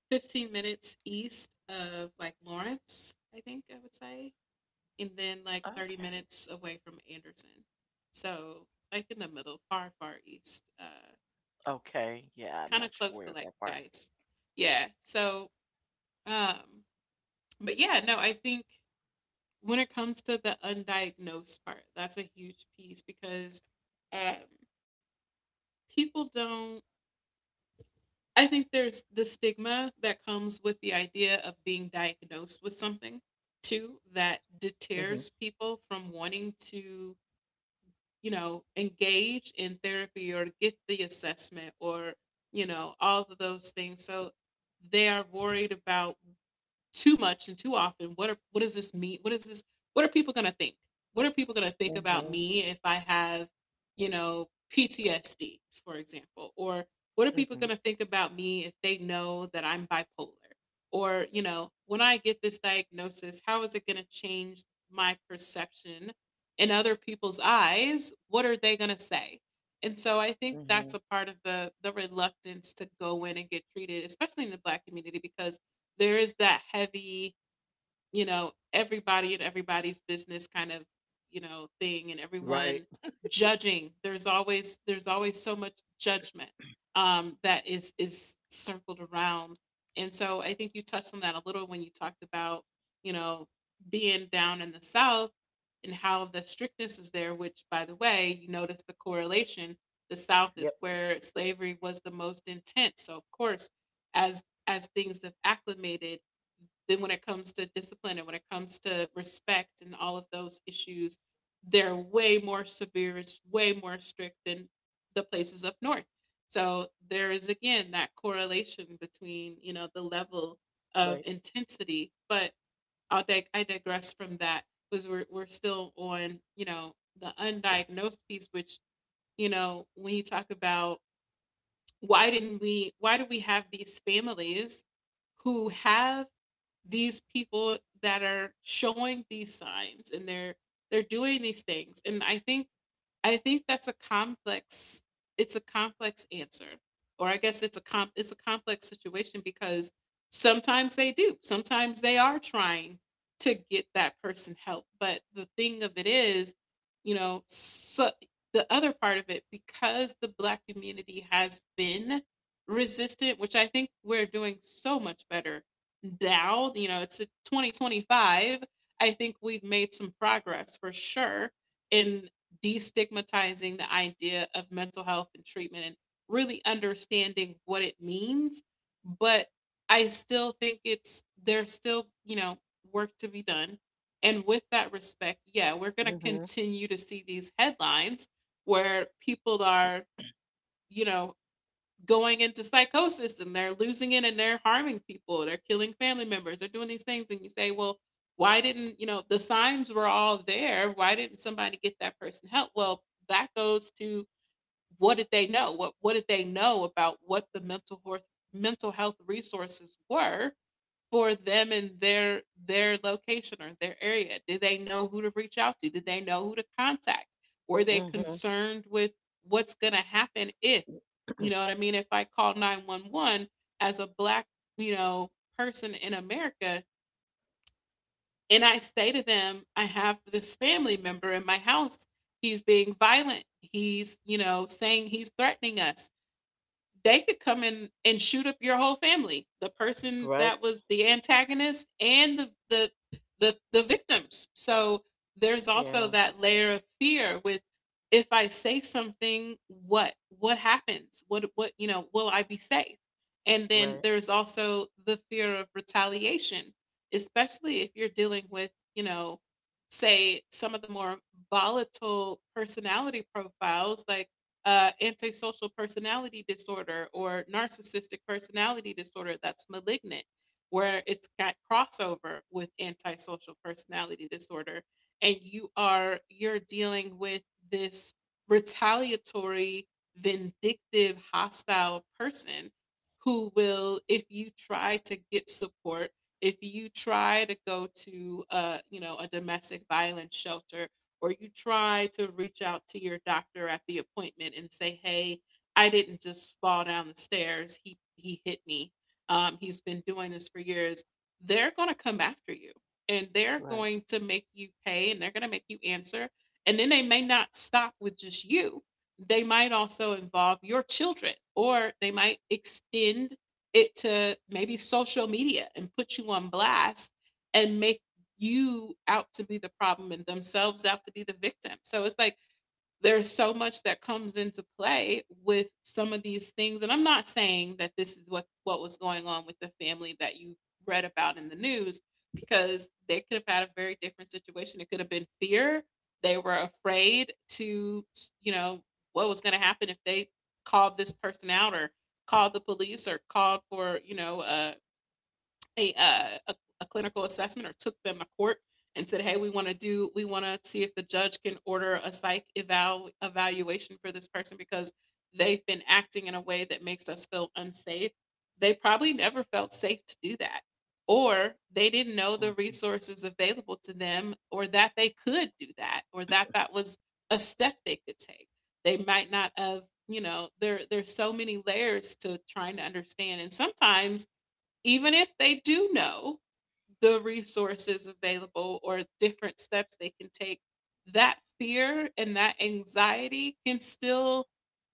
Speaker 1: 15 minutes east of like Lawrence, I think I would say, and then like 30
Speaker 2: Okay.
Speaker 1: minutes away from Anderson. So, like in the middle, far, far east,
Speaker 2: Okay. Yeah, I'm not
Speaker 1: kind of
Speaker 2: sure
Speaker 1: close
Speaker 2: aware
Speaker 1: to
Speaker 2: of
Speaker 1: like
Speaker 2: that part.
Speaker 1: Geist. Yeah. So, um, but yeah, no, I think when it comes to the undiagnosed part, that's a huge piece, because um, people don't. I think there's the stigma that comes with the idea of being diagnosed with something too, that
Speaker 2: Mhm.
Speaker 1: deters people from wanting to, you know, engage in therapy or get the assessment, or, you know, all of those things. So they are worried about too much and too often, what does this mean, what is this, what are people going to think, what are people going to think about
Speaker 2: Mhm.
Speaker 1: me if I have, you know, PTSD, for example, or what are people going
Speaker 2: Mhm.
Speaker 1: to think about me if they know that I'm bipolar, or, you know, when I get this diagnosis, how is it going to change my perception in other people's eyes? What are they going to say? And so I think that's
Speaker 2: Mhm.
Speaker 1: a part of the reluctance to go in and get treated, especially in the black community, because there is that heavy, you know, everybody and everybody's business kind of, you know, thing, and everyone
Speaker 2: Right.
Speaker 1: judging. There's always so much judgment, that is circled around. And so I think you touched on that a little when you talked about, you know, being down in the South and how the strictness is there, which by the way, you notice the correlation. The South is
Speaker 2: Yep.
Speaker 1: where slavery was the most intense. So of course, as things have acclimated, then when it comes to discipline and when it comes to respect and all of those issues, they're way more severe. It's way more strict than the places up north. So there is again that correlation between, you know,
Speaker 2: Right.
Speaker 1: the level of intensity. But I digress from that, because we're still on, you know, the undiagnosed piece, which, you know, when you talk about why didn't we, why do we have these families who have these people that are showing these signs, and they're doing these things, and I think that's a complex, it's a complex answer. Or I guess it's a comp it's a complex situation, because sometimes they do. Sometimes they are trying to get that person help, but the thing of it is, you know, so the other part of it, because the black community has been resistant, which I think we're doing so much better now, you know, it's 2025. I think we've made some progress for sure in destigmatizing the idea of mental health and treatment and really understanding what it means. But I still think it's there's still, you know, work to be done. And with that respect, yeah, we're going to
Speaker 2: Mhm.
Speaker 1: continue to see these headlines where people are, you know, going into psychosis and they're losing it and they're harming people, they're killing family members, they're doing these things, and you say, well, why didn't, you know, the signs were all there, why didn't somebody get that person help? Well, that goes to what did they know, what did they know about what the mental health resources were for them and their location or their area? Did they know who to reach out to? Did they know who to contact? Were they
Speaker 2: Mhm.
Speaker 1: concerned with what's going to happen if, you know what I mean, if I call 911 as a black, you know, person in America, and I say to them, I have this family member in my house. He's being violent. He's, you know, saying he's threatening us, they could come in and shoot up your whole family. The person that
Speaker 2: Right.
Speaker 1: was the antagonist and the victims. So there's also
Speaker 2: Yeah.
Speaker 1: that layer of fear with, if I say something, what happens? What you know, will I be safe? And then
Speaker 2: Right.
Speaker 1: there's also the fear of retaliation, especially if you're dealing with, you know, say some of the more volatile personality profiles, like antisocial personality disorder or narcissistic personality disorder that's malignant, where it's got crossover with antisocial personality disorder, and you're dealing with this retaliatory, vindictive, hostile person who will, if you try to get support, if you try to go to, you know, a domestic violence shelter, or you try to reach out to your doctor at the appointment and say, "Hey, I didn't just fall down the stairs. He hit me. He's been doing this for years." They're going to come after you, and they're
Speaker 2: Right.
Speaker 1: going to make you pay, and they're going to make you answer. And then they may not stop with just you. They might also involve your children, or they might extend it to maybe social media and put you on blast and make you out to be the problem and themselves out to be the victim. So it's like there's so much that comes into play with some of these things. And I'm not saying that this is what was going on with the family that you read about in the news, because they could have had a very different situation. It could have been fear. They were afraid to, you know, what was going to happen if they called this person out or called the police or called for, a, uh, a a clinical assessment or took them to court and said, "Hey, we want to see if the judge can order a psych eval evaluation for this person because they've been acting in a way that makes us feel unsafe." They probably never felt safe to do that or they didn't know the
Speaker 2: Mhm.
Speaker 1: resources available to them or that they could do that or that that was a step they could take. They might not have, there's so many layers to trying to understand, and sometimes even if they do know the resources available or different steps they can take, that fear and that anxiety can still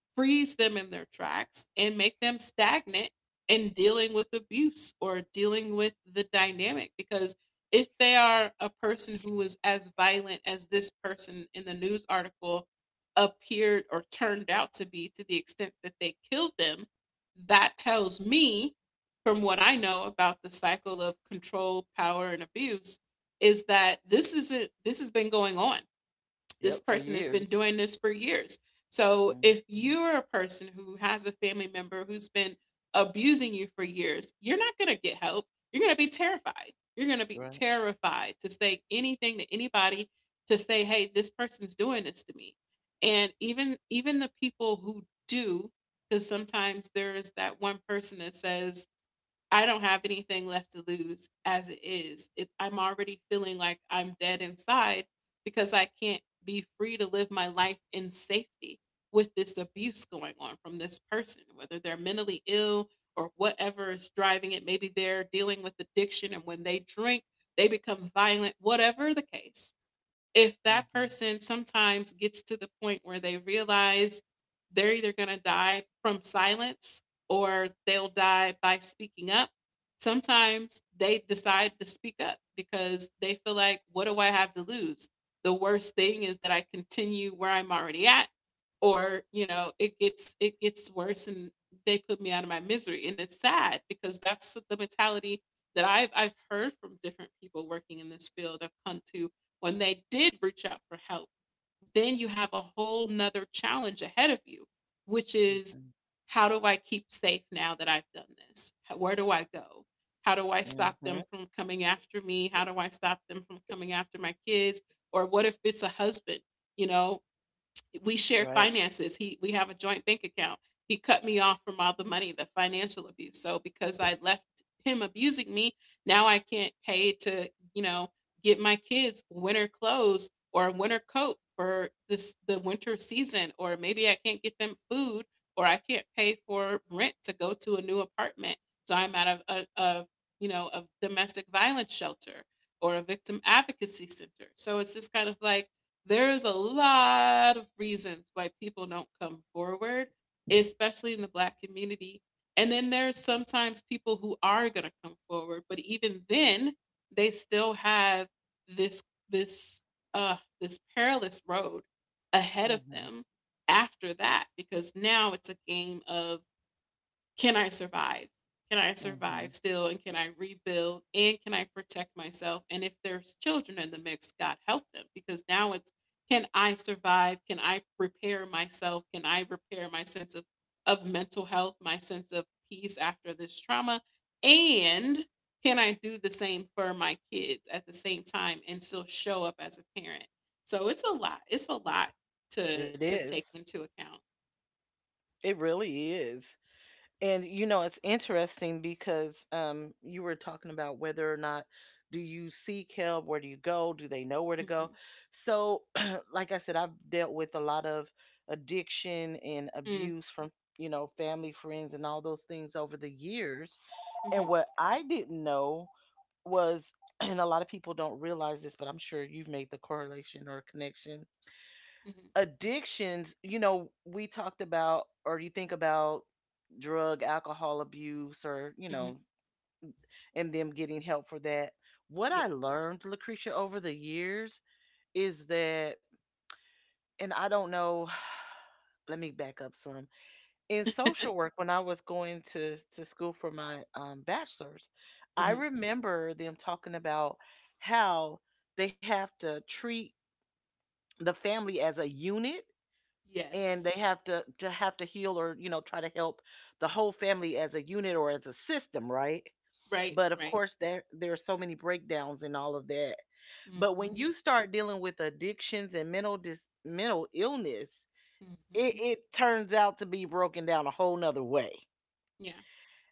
Speaker 1: freeze them in their tracks and make them stagnant in dealing with abuse or dealing with the dynamic. Because if they are a person who is as violent as this person in the news article appeared or turned out to be, to the extent that they killed them, that tells me, from what I know about the cycle of control, power and abuse, is that this isn't this has been going on. This
Speaker 2: Yep,
Speaker 1: person
Speaker 2: for
Speaker 1: has been doing
Speaker 2: years.
Speaker 1: this for years. So if you're
Speaker 2: Mhm.
Speaker 1: a person who has a family member who's been abusing you for years, you're not going to get help. You're going to be terrified. You're going to be
Speaker 2: Right.
Speaker 1: terrified to say anything to anybody, to say, "Hey, this person's doing this to me." And even the people who do, because sometimes there is that one person that says, I don't have anything left to lose as it is. It's I'm already feeling like I'm dead inside because I can't be free to live my life in safety with this abuse going on from this person, whether they're mentally ill or whatever is driving it. Maybe they're dealing with addiction, and when they drink, they become violent, whatever the case. If that
Speaker 2: Mhm.
Speaker 1: person sometimes gets to the point where they realize they're either going to die from silence or they'll die by speaking up, sometimes they decide to speak up because they feel like, what do I have to lose? The worst thing is that I continue where I'm already at, or it gets worse and they put me out of my misery. And it's sad, because that's the mentality that I've heard from different people working in this field. I've come to, when they did reach out for help, then you have a whole nother challenge ahead of you, which is,
Speaker 2: Mhm.
Speaker 1: how do I keep safe now that I've done this? Where do I go? How do I stop them
Speaker 2: Mhm.
Speaker 1: from coming after me? How do I stop them from coming after my kids? Or what if it's a husband? You know, we share
Speaker 2: Right.
Speaker 1: finances. He We have a joint bank account. He cut me off from all the money, the financial abuse. So because I left him abusing me, now I can't pay to, get my kids winter clothes or a winter coat for this the winter season, or maybe I can't get them food, or I can't pay for rent to go to a new apartment. So I'm out of a of of domestic violence shelter or a victim advocacy center. So it's just kind of like there is a lot of reasons why people don't come forward, especially in the black community. And then there's sometimes people who are going to come forward, but even then, they still have this this this perilous road ahead of them
Speaker 2: Mhm.
Speaker 1: after that, because now it's a game of, can I survive? Can I survive
Speaker 2: Mhm.
Speaker 1: still? And can I rebuild? And can I protect myself? And if there's children in the mix, God help them, because now it's, can I survive? Can I repair myself? Can I repair my sense of mental health, my sense of peace after this trauma? And can I do the same for my kids at the same time and still show up as a parent? So it's a lot. It's a lot
Speaker 2: It
Speaker 1: to
Speaker 2: is.
Speaker 1: take into account.
Speaker 2: It really is. And you know, it's interesting because you were talking about whether or not do you seek help, where do you go, do they know where to
Speaker 1: Hmm.
Speaker 2: go? So, like I said, I've dealt with a lot of addiction and
Speaker 1: Mm-hmm.
Speaker 2: abuse from, you know, family, friends, and all those things over the years. And what I didn't know was, and a lot of people don't realize this, but I'm sure you've made the correlation or connection.
Speaker 1: Hmm.
Speaker 2: Addictions, you know, we talked about, or you think about drug, alcohol abuse, or, you
Speaker 1: Hmm.
Speaker 2: know, and them getting help for that.
Speaker 1: Yeah.
Speaker 2: What I learned, Lucretia, over the years is that, and I don't know, let me back up some. In social work, when I was going to school for my bachelor's,
Speaker 1: Hmm.
Speaker 2: I remember them talking about how they have to treat the family as a unit, and
Speaker 1: Yes.
Speaker 2: they have to heal, or you know, try to help the whole family as a unit or as a system, right?
Speaker 1: Right.
Speaker 2: But of
Speaker 1: Right.
Speaker 2: course, there are so many breakdowns and all of that. But
Speaker 1: Mm-hmm.
Speaker 2: when you start dealing with addictions and mental illness,
Speaker 1: Mm-hmm.
Speaker 2: it turns out to be broken down a whole nother way.
Speaker 1: Yeah.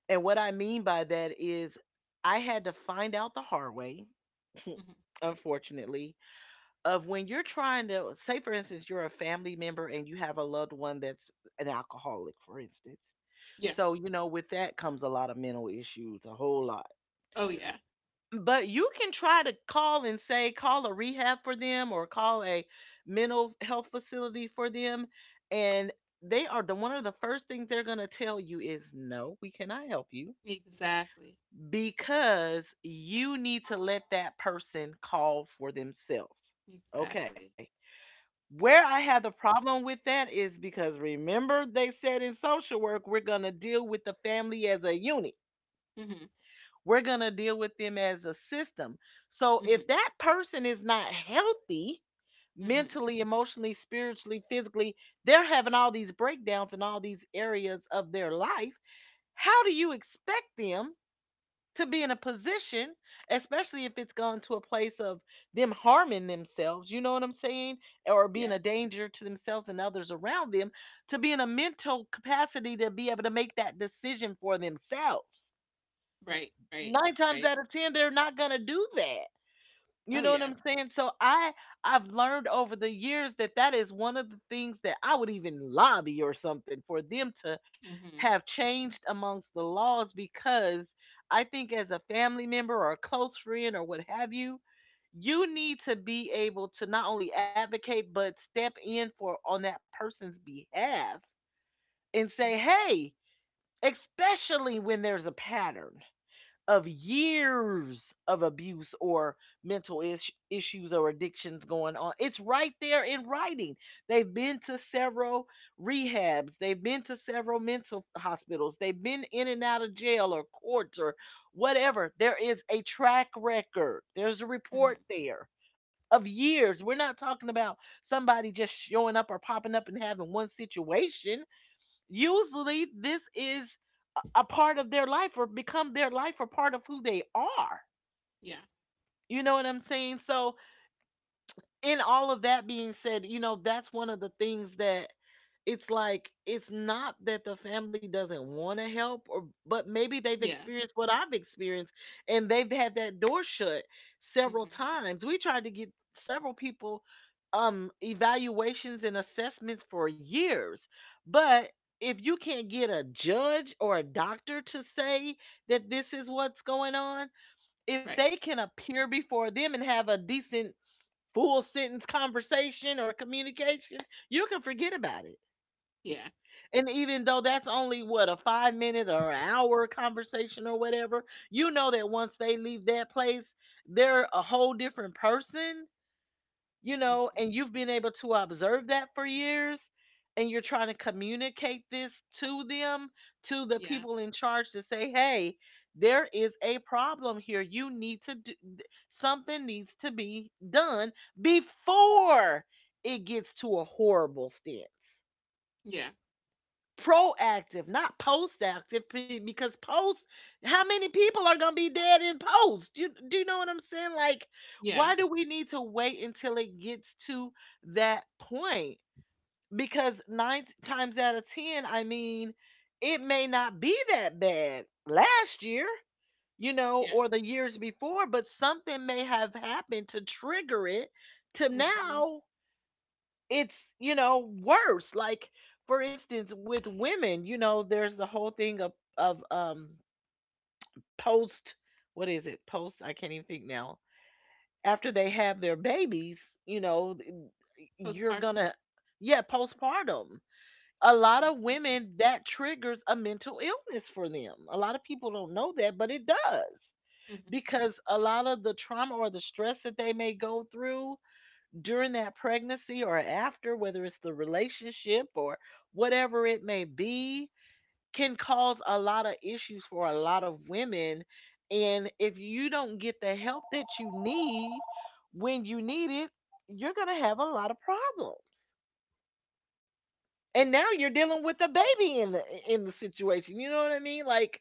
Speaker 2: And what I mean by that is I had to find out the hard way,
Speaker 1: Hmm.
Speaker 2: unfortunately, of when you're trying to say, for instance, you're a family member and you have a loved one that's an alcoholic, for instance.
Speaker 1: Yeah.
Speaker 2: So, you know, with that comes a lot of mental issues, a whole lot.
Speaker 1: Oh, yeah.
Speaker 2: But you can try to call and say call a rehab for them or call a mental health facility for them, and they are— the one of the first things they're going to tell you is no, we cannot help you
Speaker 1: Exactly.
Speaker 2: because you need to let that person call for themselves.
Speaker 1: Exactly.
Speaker 2: Okay. Where I have the problem with that is because remember, they said in social work, we're going to deal with the family as a unit,
Speaker 1: Mm-hmm.
Speaker 2: we're going to deal with them as a system. So
Speaker 1: Mm-hmm.
Speaker 2: if that person is not healthy,
Speaker 1: Mm-hmm.
Speaker 2: mentally, emotionally, spiritually, physically, they're having all these breakdowns in all these areas of their life. How do you expect them to be in a position, especially if it's gone to a place of them harming themselves, you know what I'm saying? Or
Speaker 1: Yeah.
Speaker 2: being a danger to themselves and others around them, to be in a mental capacity to be able to make that decision for themselves?
Speaker 1: Right. Right.
Speaker 2: Nine times
Speaker 1: Right.
Speaker 2: out of 10, they're not going to do that.
Speaker 1: Oh,
Speaker 2: You know what
Speaker 1: yeah.
Speaker 2: I'm saying? So I've learned over the years that that is one of the things that I would even lobby or something for them to
Speaker 1: Mm-hmm.
Speaker 2: have changed amongst the laws, because I think as a family member or a close friend or what have you, you need to be able to not only advocate but step in for, on that person's behalf and say,
Speaker 1: Mm-hmm.
Speaker 2: "Hey, especially when there's a pattern of years of abuse or issues or addictions going on. It's right there in writing. They've been to several rehabs, they've been to several mental hospitals, they've been in and out of jail or courts or whatever. There is a track record, there's a
Speaker 1: Mm-hmm.
Speaker 2: report there. Of years. We're not talking about somebody just showing up or popping up and having one situation. Usually, this is a part of their life, or become their life, or part of who they are.
Speaker 1: Yeah.
Speaker 2: You know what I'm saying? So, in all of that being said, you know, that's one of the things that it's like— it's not that the family doesn't want to help, or, but maybe they've
Speaker 1: Yeah.
Speaker 2: experienced what I've experienced, and they've had that door shut
Speaker 1: Mm-hmm.
Speaker 2: several times. We tried to get several people evaluations and assessments for years. But if you can't get a judge or a doctor to say that this is what's going on, if
Speaker 1: Right.
Speaker 2: they can appear before them and have a decent, full sentence conversation or communication, you can forget about it.
Speaker 1: Yeah.
Speaker 2: And even though that's only what, a 5 minute or an hour conversation or whatever, you know that once they leave that place, they're a whole different person, you know, and
Speaker 1: Mm-hmm.
Speaker 2: you've been able to observe that for years, and you're trying to communicate this to them, to the
Speaker 1: Yeah.
Speaker 2: people in charge, to say, hey, there is a problem here. You need to do something, needs to be done before it gets to a horrible stance.
Speaker 1: Yeah.
Speaker 2: Proactive, not post active, because post, how many people are gonna be dead in post? You— do you know what I'm saying? Like,
Speaker 1: Yeah.
Speaker 2: why do we need to wait until it gets to that point? Because nine times out of ten, I mean, it may not be that bad last year, you know,
Speaker 1: Yeah.
Speaker 2: or the years before, but something may have happened to trigger it to
Speaker 1: Mm-hmm.
Speaker 2: now it's, you know, worse. Like, for instance, with women, you know, there's the whole thing of of um post— what is it, post— I can't even think now, after they have their babies, you know, you're
Speaker 1: Postpartum.
Speaker 2: gonna— yeah, postpartum. A lot of
Speaker 1: Mm-hmm.
Speaker 2: women, that triggers a mental illness for them. A lot of people don't know that, but it does,
Speaker 1: Mm-hmm.
Speaker 2: because a lot of the trauma or the stress that they may go through during that pregnancy or after, whether it's the relationship or whatever it may be, can cause a lot of issues for a lot of women. And if you don't get the help that you need when you need it, you're going to have a lot of problems. And
Speaker 1: Yeah.
Speaker 2: now you're dealing with a baby in the— in the situation. You know what I mean? Like,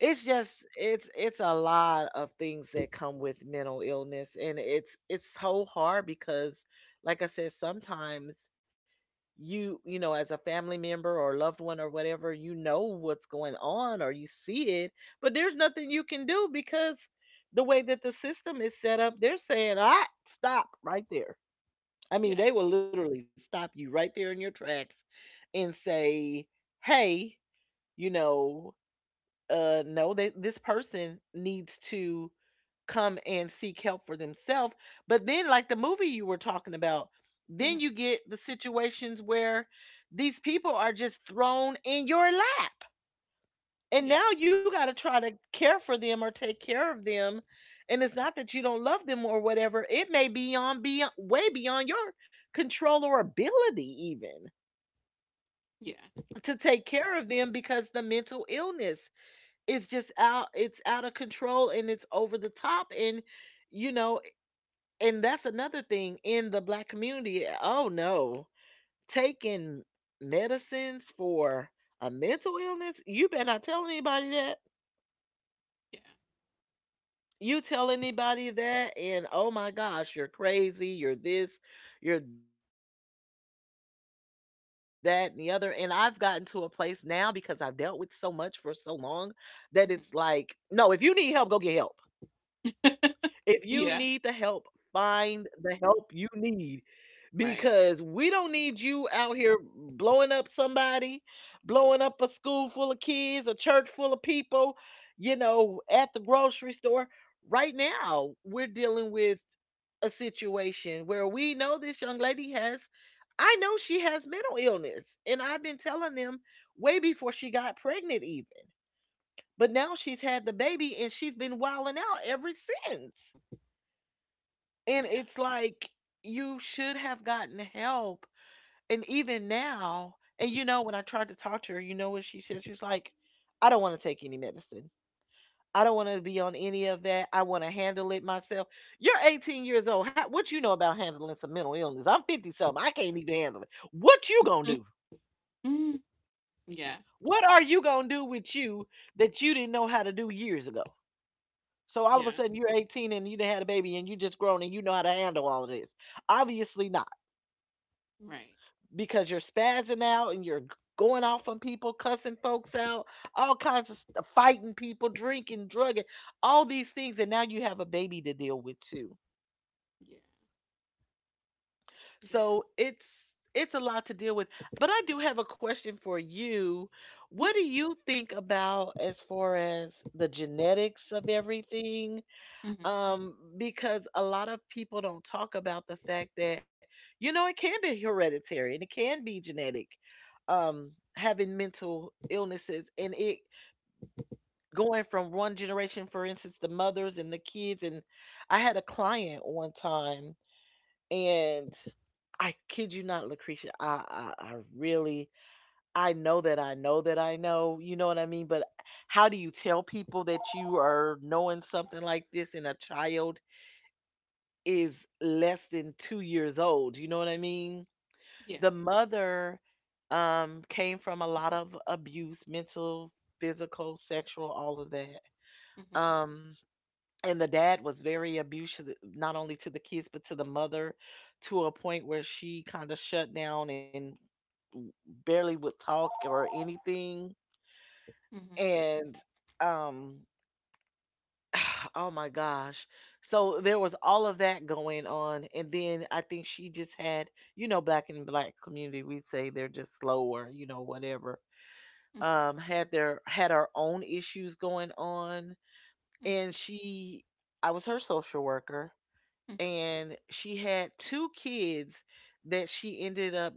Speaker 2: it's just— it's a lot of things that come with mental illness, and it's so hard, because like I said, sometimes you— you know, as a family member or loved one or whatever, you know what's going on, or you see it, but there's nothing you can do, because the way that the system is set up, they're saying, ah, stop right there. I mean,
Speaker 1: Yeah.
Speaker 2: they will literally stop you right there in your tracks and say, hey, you know, no, they— this person needs to come and seek help for themselves. But then, like the movie you were talking about, then
Speaker 1: Mm-hmm.
Speaker 2: you get the situations where these people are just thrown in your lap. And
Speaker 1: Yeah.
Speaker 2: now you got to try to care for them or take care of them. And it's not that you don't love them or whatever. It may be on beyond— way beyond your control or ability even
Speaker 1: Yeah.
Speaker 2: to take care of them, because the mental illness is just out— it's out of control, and it's over the top, and you know. And that's another thing in the black community. Oh no, taking medicines for a mental illness, you better not tell anybody that.
Speaker 1: Yeah.
Speaker 2: You tell anybody that, and oh my gosh, you're crazy, you're this, you're that, and the other. And I've gotten to a place now, because I've dealt with so much for so long, that it's like, no, if you need help, go get help. If you
Speaker 1: Mm-hmm.
Speaker 2: need the help,
Speaker 1: yeah.
Speaker 2: find the help you need, because
Speaker 1: Right.
Speaker 2: we don't need you out here blowing up somebody, blowing up a school full of kids, a church full of people, you know, at the grocery store. Right now, we're dealing with a situation where we know this young lady has— I know she has mental illness, and I've been telling them way before she got pregnant, even. But now she's had the baby, and she's been wilding out ever since. And
Speaker 1: Yeah.
Speaker 2: it's like, you should have gotten help. And even now, and you know, when I tried to talk to her, you know what she said? She was like, I don't want to take any medicine. I don't want to be on any of that. I want to handle it myself. You're 18 years old. How— what you know about handling some mental illness? I'm 50 something. I can't even handle it. What you gonna do?
Speaker 1: Mm, yeah,
Speaker 2: What are you gonna do with you that you didn't know how to do years ago? So all of a
Speaker 1: yeah,
Speaker 2: sudden you're 18 and you done had a baby and you just grown and you know how to handle all of this. Obviously not.
Speaker 1: right.
Speaker 2: Because you're spazzing out, and you're going off on people, cussing folks out, all kinds of fighting people, drinking, drugging, all these things, and now you have a baby to deal with too.
Speaker 1: Yeah, yeah,
Speaker 2: So it's— it's a lot to deal with. But I do have a question for you. What
Speaker 1: yeah.
Speaker 2: do you think about as far as the genetics of everything?
Speaker 1: Mm-hmm.
Speaker 2: Because a lot of people don't talk about the fact that you know it can be hereditary and it can be genetic, um having mental illnesses and it going from one generation, for instance the mothers and the kids. And I had a client one time, and I kid you not, Lucretia, I really, I know that I know that I know, you know what I mean, but how do you tell people that you are knowing something like this and a child is less than 2 years old, you know what I mean?
Speaker 1: Yeah.
Speaker 2: The mother, came from a lot of abuse, mental, physical, sexual, all of that.
Speaker 1: Mm-hmm.
Speaker 2: um and the dad was very abusive, not only to the kids but to the mother, to a point where she kind of shut down and barely would talk or anything.
Speaker 1: Mm-hmm.
Speaker 2: And um oh my gosh, so there was all of that going on. And then I think she just had, you know, black, in the black community we say they're just slower, you know, whatever.
Speaker 1: Mm-hmm.
Speaker 2: Had their had her own issues going on. And
Speaker 1: Mm-hmm.
Speaker 2: she, I was her social worker,
Speaker 1: Mm-hmm.
Speaker 2: and she had two kids that she ended up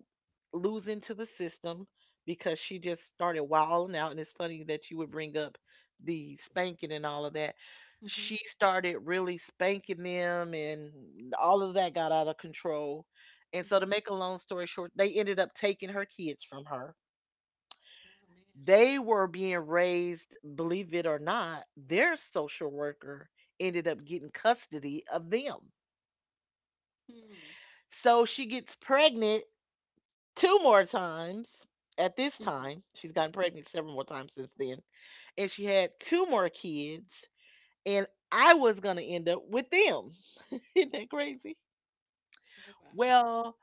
Speaker 2: losing to the system because she just started wilding out. And it's funny that you would bring up the spanking and all of that. She
Speaker 1: Mm-hmm.
Speaker 2: started really spanking them, and all of that got out of control. And so to
Speaker 1: Mm-hmm.
Speaker 2: make a long story short, they ended up taking her kids from her.
Speaker 1: Oh man.
Speaker 2: They were being raised, believe it or not, their social worker ended up getting custody of them.
Speaker 1: Mm-hmm.
Speaker 2: So she gets pregnant two more times at this
Speaker 1: Mm-hmm.
Speaker 2: time. She's gotten pregnant several more times since then. And she had two more kids. And I was going to end up with them. Isn't that crazy?
Speaker 1: Oh wow.
Speaker 2: Well,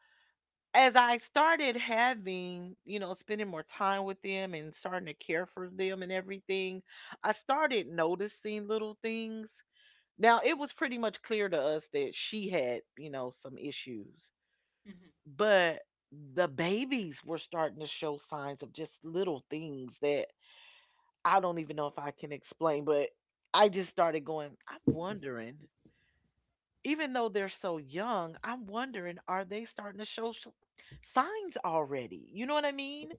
Speaker 2: as I started having, you know, spending more time with them and starting to care for them and everything, I started noticing little things. Now, it was pretty much clear to us that she had, you know, some issues,
Speaker 1: Mm-hmm.
Speaker 2: but the babies were starting to show signs of just little things that I don't even know if I can explain. But I just started going, I'm wondering, even though they're so young, I'm wondering, are they starting to show signs already? You know what I mean?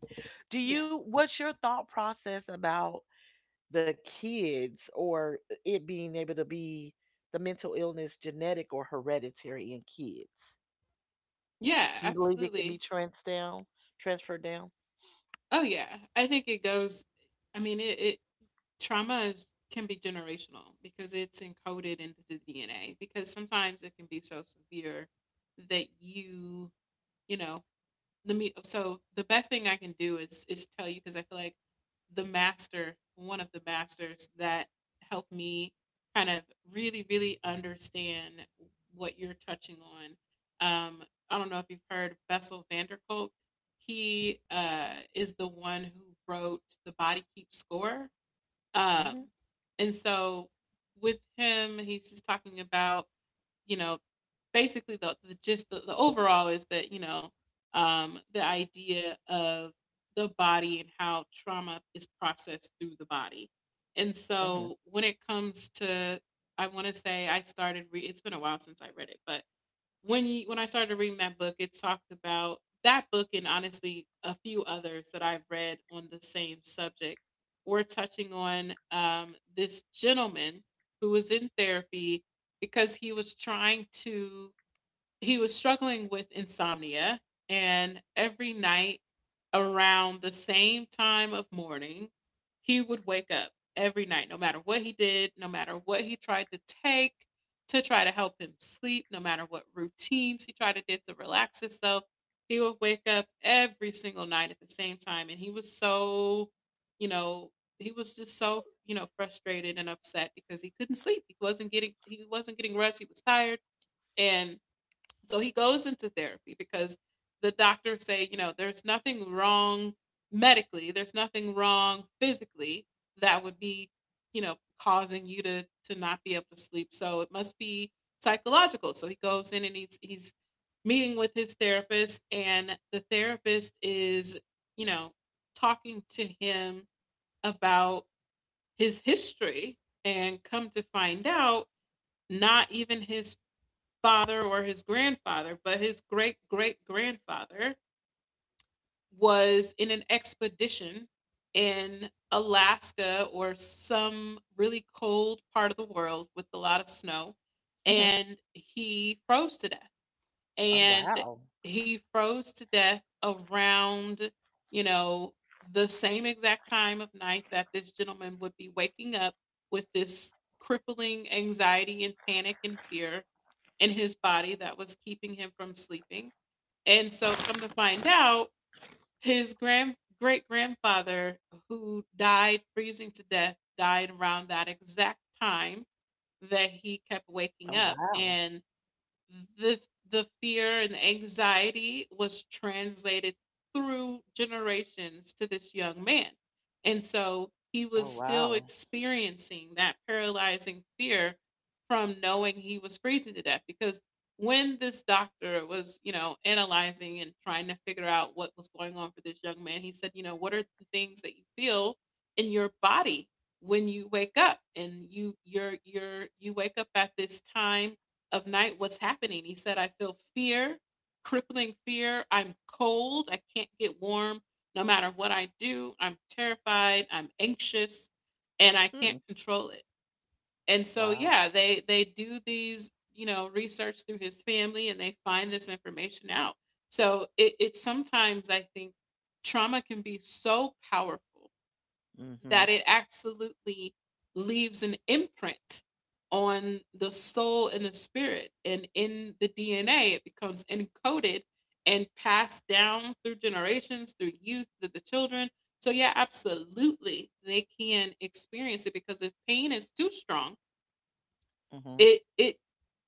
Speaker 2: Do you,
Speaker 1: Yeah.
Speaker 2: what's your thought process about the kids, or it being able to be the mental illness genetic or hereditary in kids? Do
Speaker 1: Yeah.
Speaker 2: you believe it can be
Speaker 1: Absolutely.
Speaker 2: transferred down?
Speaker 1: Oh yeah. I think it goes. I mean, it trauma can be generational because it's encoded into the DNA. Because sometimes it can be so severe that you, you know, The me so the best thing I can do is tell you, because I feel like the master one of the masters that helped me kind of really, really understand what you're touching on, um, I don't know if you've heard of Bessel van der Kolk. He, is the one who wrote The Body Keeps Score.
Speaker 2: Mhm.
Speaker 1: um, and so with him, he's just talking about, you know, basically the gist, the overall is that, the idea of the body and how trauma is processed through the body. And
Speaker 2: Mhm.
Speaker 1: so when it comes to, I want to say I started, it's been a while since I read it, but when I started reading that book, it talked about, that book and honestly a few others that I've read on the same subject were touching on, this gentleman who was in therapy because he was struggling with insomnia, and every night around the same time of morning he would wake up every night, no matter what he did, no matter what he tried to take to try to help him sleep, no matter what routines he tried to do to relax himself, he would wake up every single night at the same time. And he was so, you know he was just so, frustrated and upset because he couldn't sleep. He wasn't getting rest, he was tired. And so he goes into therapy because the doctors say, you know, there's nothing wrong medically, there's nothing wrong physically that would be, you know, causing you to not be able to sleep. So it must be psychological. So he goes in and he's meeting with his therapist, and the therapist is, you know, talking to him about his history. And come to find out, not even his father or his grandfather, but his great great grandfather was in an expedition in Alaska or some really cold part of the world with a lot of snow,
Speaker 2: Mhm.
Speaker 1: and he froze to death.
Speaker 2: Oh
Speaker 1: And
Speaker 2: wow.
Speaker 1: he froze to death around, you know, the same exact time of night that this gentleman would be waking up with this crippling anxiety and panic and fear in his body that was keeping him from sleeping. And so come to find out, his grand great grandfather who died freezing to death died around that exact time that he kept
Speaker 2: Oh
Speaker 1: waking up.
Speaker 2: wow.
Speaker 1: And the the fear and anxiety was translated through generations to this young man. And so
Speaker 2: Oh
Speaker 1: he was
Speaker 2: wow.
Speaker 1: still experiencing that paralyzing fear from knowing he was freezing to death. Because when this doctor was, you know, analyzing and trying to figure out what was going on for this young man, he said, you know, what are the things that you feel in your body when you wake up, and you you wake up at this time of night, what's happening? He said, I feel fear, crippling fear. I'm cold. I can't get warm no matter what I do. I'm terrified. I'm anxious, and I
Speaker 2: Hmm.
Speaker 1: can't control it. And so
Speaker 2: Wow.
Speaker 1: yeah, they do these, you know, research through his family and they find this information out. So it sometimes I think trauma can be so powerful
Speaker 2: Mhm.
Speaker 1: that it absolutely leaves an imprint on the soul and the spirit. And in the DNA, it becomes encoded and passed down through generations, through youth, through the children. So, yeah, absolutely, they can experience it, because if pain is too strong,
Speaker 2: Mhm.
Speaker 1: it, it,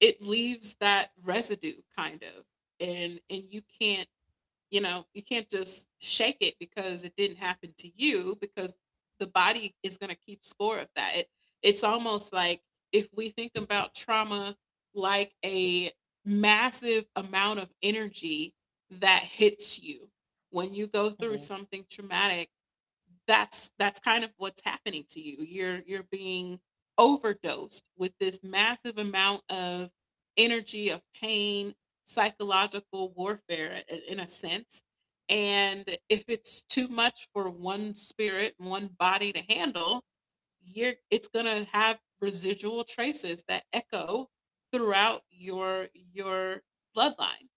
Speaker 1: it leaves that residue kind of, and you can't, you know, you can't just shake it because it didn't happen to you, because the body is going to keep score of that. It, it's almost like, if we think about trauma like a massive amount of energy that hits you when you go
Speaker 2: Mhm.
Speaker 1: through something traumatic, that's kind of what's happening to you. You're being overdosed with this massive amount of energy of pain, psychological warfare in a sense. And if it's too much for one spirit, one body to handle, you're it's going to have residual traces that echo throughout your bloodline.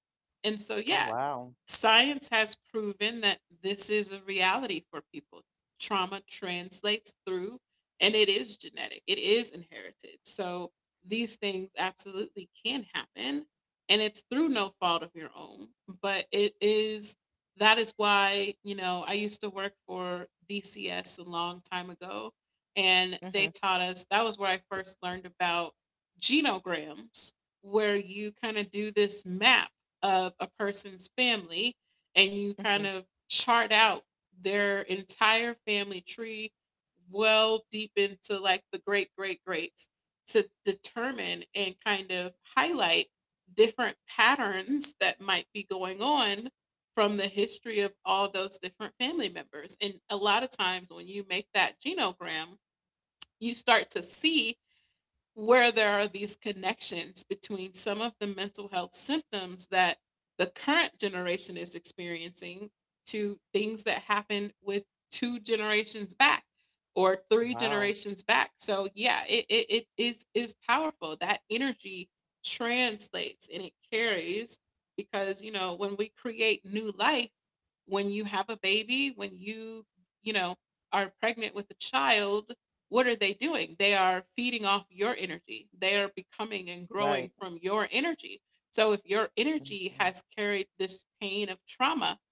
Speaker 1: And so
Speaker 2: Oh
Speaker 1: yeah,
Speaker 2: wow.
Speaker 1: Science has proven that this is a reality for people. Trauma translates through, and it is genetic, it is inherited. So these things absolutely can happen, and it's through no fault of your own. But it is that is why, I used to work for DCS a long time ago, and
Speaker 2: Mhm.
Speaker 1: they taught us that was where I first learned about genograms where you kind of do this map of a person's family and you
Speaker 2: Mhm.
Speaker 1: kind of chart out their entire family tree well deep into like the great great greats to determine and kind of highlight different patterns that might be going on from the history of all those different family members. And a lot of times when you make that genogram, you start to see where there are these connections between some of the mental health symptoms that the current generation is experiencing to things that happened with two generations back or three
Speaker 2: Wow.
Speaker 1: generations back. So yeah, it is powerful. That energy translates and it carries because when we create new life, when you have a baby, when you know are pregnant with a child, what are they doing? They are feeding off your energy. They are becoming and
Speaker 2: Right.
Speaker 1: growing from your energy. So if your energy
Speaker 2: Mhm,
Speaker 1: has carried this pain of trauma,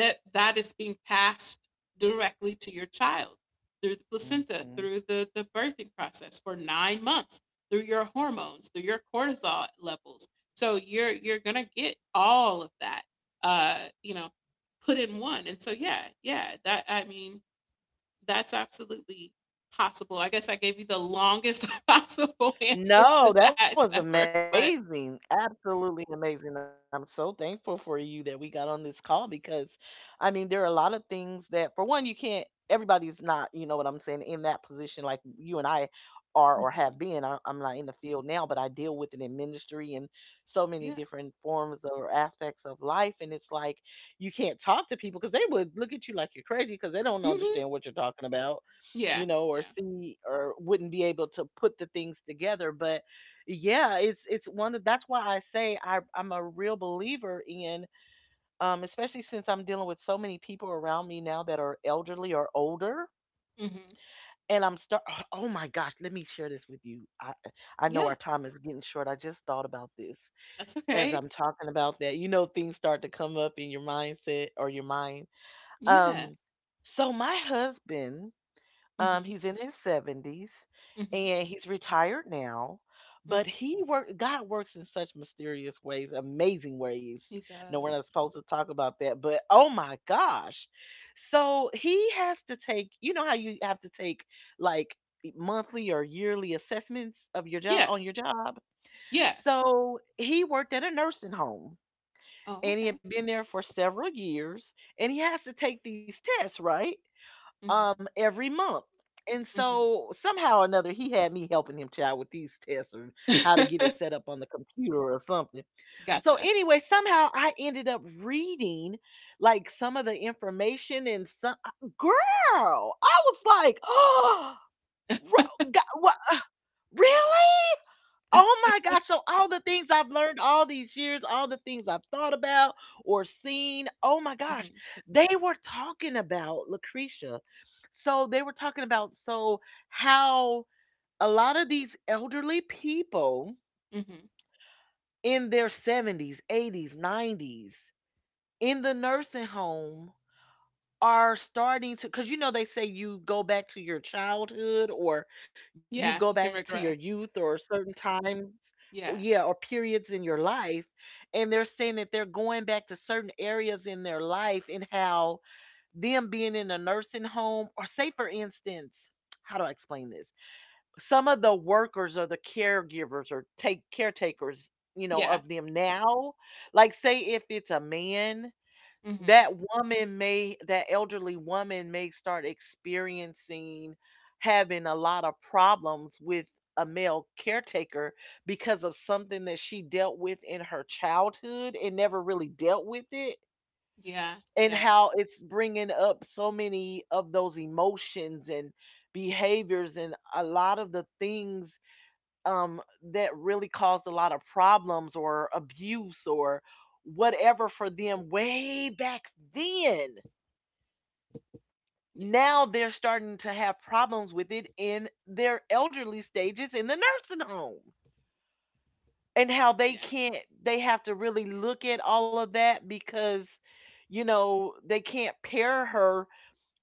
Speaker 1: that is being passed directly to your child through the placenta,
Speaker 2: mhm.
Speaker 1: through the birthing process for 9 months, through your hormones, through your cortisol levels. So you're gonna get all of that, uh, you know, put in one. And so yeah, yeah, that I mean, that's absolutely possible. I guess I gave you the longest possible answer
Speaker 2: No,
Speaker 1: to
Speaker 2: that was
Speaker 1: that ever,
Speaker 2: amazing.
Speaker 1: but
Speaker 2: Absolutely amazing. I'm so thankful for you that we got on this call, because I mean there are a lot of things that, for one, you can't, everybody's not, you know what I'm saying, in that position like you and I are or have
Speaker 1: Mhm.
Speaker 2: been. I'm not in the field now, but I deal with it in ministry and so many
Speaker 1: Yeah.
Speaker 2: different forms or aspects of life, and it's like you can't talk to people because they would look at you like you're crazy because they don't
Speaker 1: Mhm.
Speaker 2: understand what you're talking about, you
Speaker 1: Yeah,
Speaker 2: know, or
Speaker 1: yeah.
Speaker 2: see or wouldn't be able to put the things together. But yeah, it's one of, that's why I say I'm a real believer in, especially since I'm dealing with so many people around me now that are elderly or older.
Speaker 1: Mhm.
Speaker 2: And I'm start, oh my gosh, let me share this with you. I know our
Speaker 1: Yeah,
Speaker 2: time is getting short. I just thought about this
Speaker 1: that's
Speaker 2: as
Speaker 1: okay.
Speaker 2: I'm talking about that. You know, things start to come up in your mindset or your mind.
Speaker 1: Yeah.
Speaker 2: Um so my husband,
Speaker 1: Mhm.
Speaker 2: he's in his 70s
Speaker 1: Mhm.
Speaker 2: and he's retired now, but
Speaker 1: Mhm.
Speaker 2: he work, God works in such mysterious ways, amazing ways.
Speaker 1: He
Speaker 2: No, we're not
Speaker 1: does.
Speaker 2: supposed to talk about that, but oh my gosh. So he has to take, you know how you have to take, like, monthly or yearly assessments of your job
Speaker 1: Yeah,
Speaker 2: on your job.
Speaker 1: yeah.
Speaker 2: So he worked at a nursing home,
Speaker 1: Oh,
Speaker 2: and he had
Speaker 1: okay.
Speaker 2: been there for several years, and he has to take these tests, right?
Speaker 1: Mhm.
Speaker 2: Every month. And
Speaker 1: Mhm.
Speaker 2: so somehow or another he had me helping him child with these tests, or how to get it set up on the computer or something. So
Speaker 1: Gotcha.
Speaker 2: anyway, somehow I ended up reading like some of the information, and some, girl, I was like, "Oh, what? Really? Oh my gosh. So all the things I've learned all these years, all the things I've thought about or seen, oh my gosh,
Speaker 1: Mhm.
Speaker 2: they were talking about Lucretia. So they were talking about, so how a lot of these elderly people
Speaker 1: Mhm.
Speaker 2: in their 70s, 80s, 90s in the nursing home are starting to, because, you know, they say you go back to your childhood, or you go
Speaker 1: Yeah,
Speaker 2: back to
Speaker 1: you
Speaker 2: your
Speaker 1: can
Speaker 2: youth
Speaker 1: regress.
Speaker 2: or certain times, or yeah,
Speaker 1: Yeah.
Speaker 2: or periods in your life, and they're saying that they're going back to certain areas in their life and how them being in a nursing home, or say, for instance, how do I explain this? Some of the workers or the caregivers or take caretakers, you know,
Speaker 1: Yeah.
Speaker 2: of them now, like say if it's a man,
Speaker 1: Mhm.
Speaker 2: that woman may, that elderly woman may start experiencing having a lot of problems with a male caretaker because of something that she dealt with in her childhood and never really dealt with it,
Speaker 1: Yeah,
Speaker 2: and
Speaker 1: yeah.
Speaker 2: how it's bringing up so many of those emotions and behaviors and a lot of the things, that really caused a lot of problems or abuse or whatever for them way back then.
Speaker 1: Yeah.
Speaker 2: Now they're starting to have problems with it in their elderly stages in the nursing home, and how they
Speaker 1: Yeah.
Speaker 2: can't, they have to really look at all of that because, you know, they can't pair her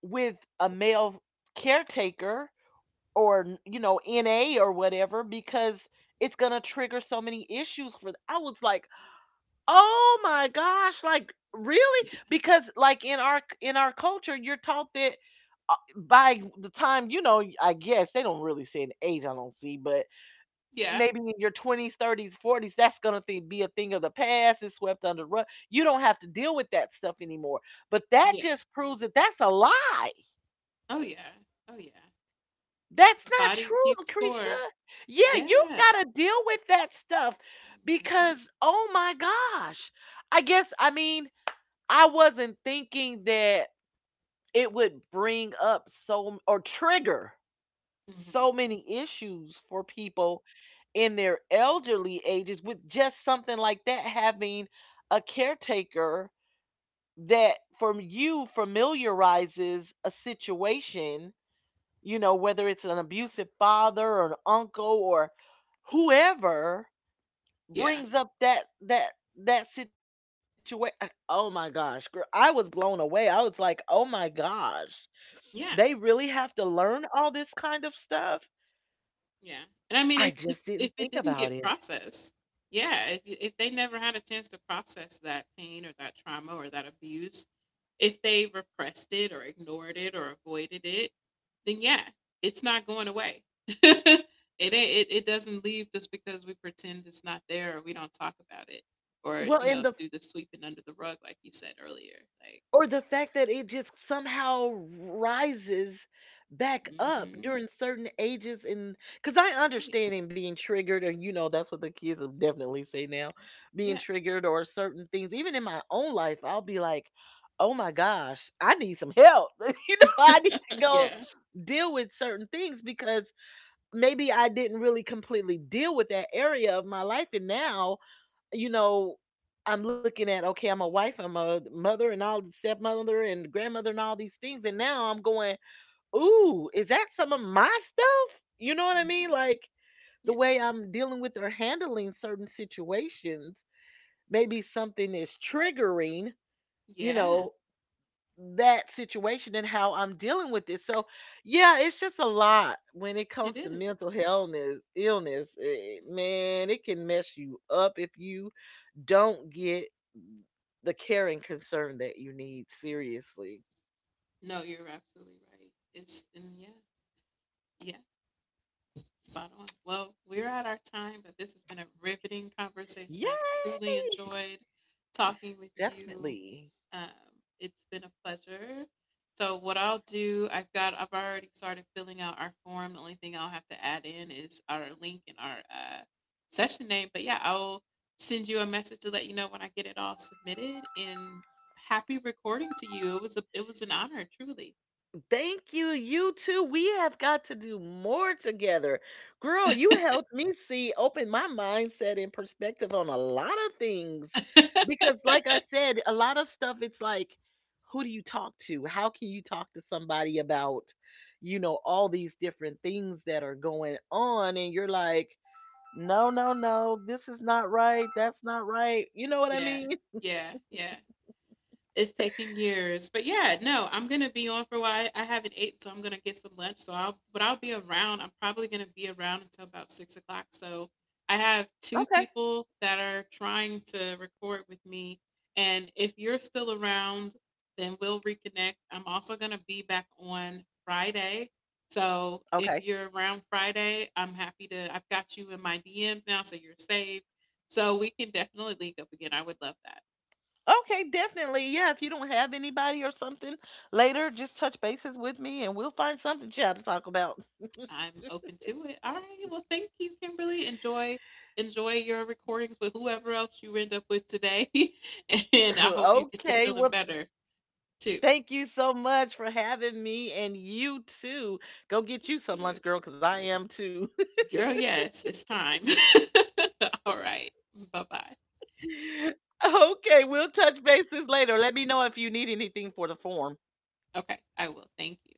Speaker 2: with a male caretaker or, you know, NA or whatever, because it's going to trigger so many issues for. I was like, oh my gosh, like, really?
Speaker 1: Yeah.
Speaker 2: Because like in our culture, you're taught that, by the time, you know, I guess they don't really say an age, I don't see, but
Speaker 1: Yeah.
Speaker 2: maybe in your 20s, 30s, 40s, that's going to be a thing of the past. It's swept under the rug. You don't have to deal with that stuff anymore. But that
Speaker 1: Yeah.
Speaker 2: just proves that that's a lie.
Speaker 1: Oh yeah. Oh yeah.
Speaker 2: That's
Speaker 1: The
Speaker 2: not
Speaker 1: body
Speaker 2: true,
Speaker 1: keeps score.
Speaker 2: Lucretia. Yeah, you
Speaker 1: Yeah.
Speaker 2: got to deal with that stuff
Speaker 1: Mhm.
Speaker 2: because, oh my gosh. I guess, I mean, I wasn't thinking that it would bring up so, or trigger
Speaker 1: Mhm.
Speaker 2: so many issues for people in their elderly ages with just something like that, having a caretaker that from you familiarizes a situation, you know, whether it's an abusive father or an uncle or whoever,
Speaker 1: Yeah.
Speaker 2: brings up that situation. Oh my gosh, girl, I was blown away. I was like, "Oh my gosh. They really
Speaker 1: Yeah.
Speaker 2: have to learn all this kind of stuff?"
Speaker 1: Yeah. And I
Speaker 2: I
Speaker 1: mean, if
Speaker 2: just
Speaker 1: if
Speaker 2: didn't
Speaker 1: if
Speaker 2: think
Speaker 1: it didn't
Speaker 2: about
Speaker 1: get
Speaker 2: it.
Speaker 1: processed, yeah, if they never had a chance to process that pain or that trauma or that abuse, if they repressed it or ignored it or avoided it, then yeah, it's not going away. it ain't, it doesn't leave just because we pretend it's not there or we don't talk about it or
Speaker 2: Well, and the,
Speaker 1: do the sweeping under the rug like you said earlier. Like.
Speaker 2: or the fact that it just somehow rises back up
Speaker 1: Mm-hmm.
Speaker 2: during certain ages, and because I
Speaker 1: Oh, yeah.
Speaker 2: understand in being triggered, and you know that's what the kids will definitely say now, being
Speaker 1: Yeah.
Speaker 2: triggered or certain things. Even in my own life, I'll be like, oh my gosh, I need some help. You know, I need to go
Speaker 1: Yeah.
Speaker 2: deal with certain things because maybe I didn't really completely deal with that area of my life. And now, you know, I'm looking at, okay, I'm a wife, I'm a mother, and all, stepmother and grandmother and all these things, and now I'm going, ooh, is that some of my stuff? You know what I mean?
Speaker 1: Mhm.
Speaker 2: Like the
Speaker 1: Yeah.
Speaker 2: way I'm dealing with or handling certain situations, maybe something is triggering, you
Speaker 1: Yeah.
Speaker 2: know, that situation and how I'm dealing with it. So yeah, it's just a lot when it comes
Speaker 1: It
Speaker 2: to
Speaker 1: is.
Speaker 2: mental illness. Illness, eh, man,
Speaker 1: Mhm.
Speaker 2: it can mess you up if you don't get the care and concern that you need, seriously.
Speaker 1: No, you're absolutely right. It's, and yeah. Yeah. Spot on. Well, we're at our time, but this has been a riveting conversation. I've
Speaker 2: Yay!
Speaker 1: truly enjoyed talking with you.
Speaker 2: Definitely.
Speaker 1: Um, it's been a pleasure. So what I'll do, I've already started filling out our form. The only thing I'll have to add in is our link and our session name. But yeah, I'll send you a message to let you know when I get it all submitted. And happy recording to you. It was an honor, truly.
Speaker 2: Thank you, you too. We have got to do more together. Girl, you helped me see, open my mindset and perspective on a lot of things. Because, like I said, a lot of stuff, it's like, who do you talk to? How can you talk to somebody about, you know, all these different things that are going on? And you're like, no, no, no. This is not right. That's not right. You know what I
Speaker 1: Yeah,
Speaker 2: mean?
Speaker 1: yeah, yeah. It's taking years, but yeah, no, I'm gonna be on for a while. I haven't ate, so I'm gonna get some lunch. But I'll be around. I'm probably gonna be around until about 6 o'clock. So I have two
Speaker 2: Okay.
Speaker 1: people that are trying to record with me, and if you're still around, then we'll reconnect. I'm also gonna be back on Friday. So
Speaker 2: Okay.
Speaker 1: if you're around Friday, I'm happy to. I've got you in my DMs now, so you're saved. So we can definitely link up again. I would love that.
Speaker 2: Okay, definitely. Yeah, if you don't have anybody or something later, just touch bases with me and we'll find something child to talk about.
Speaker 1: I'm open to it. All right. Well, thank you, Kimberly. Enjoy your recordings with whoever else you end up with today. And I hope you get to
Speaker 2: Okay.
Speaker 1: feeling
Speaker 2: Well,
Speaker 1: better too.
Speaker 2: thank you so much for having me, and you too. Go get
Speaker 1: Thank
Speaker 2: you some
Speaker 1: you.
Speaker 2: lunch, girl, cuz I am too.
Speaker 1: Girl, yes, it's time. All right. Bye-bye.
Speaker 2: Okay, we'll touch bases later. Let me know if you need anything for the form.
Speaker 1: Okay, I will. Thank you.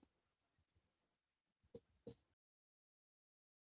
Speaker 2: Okay.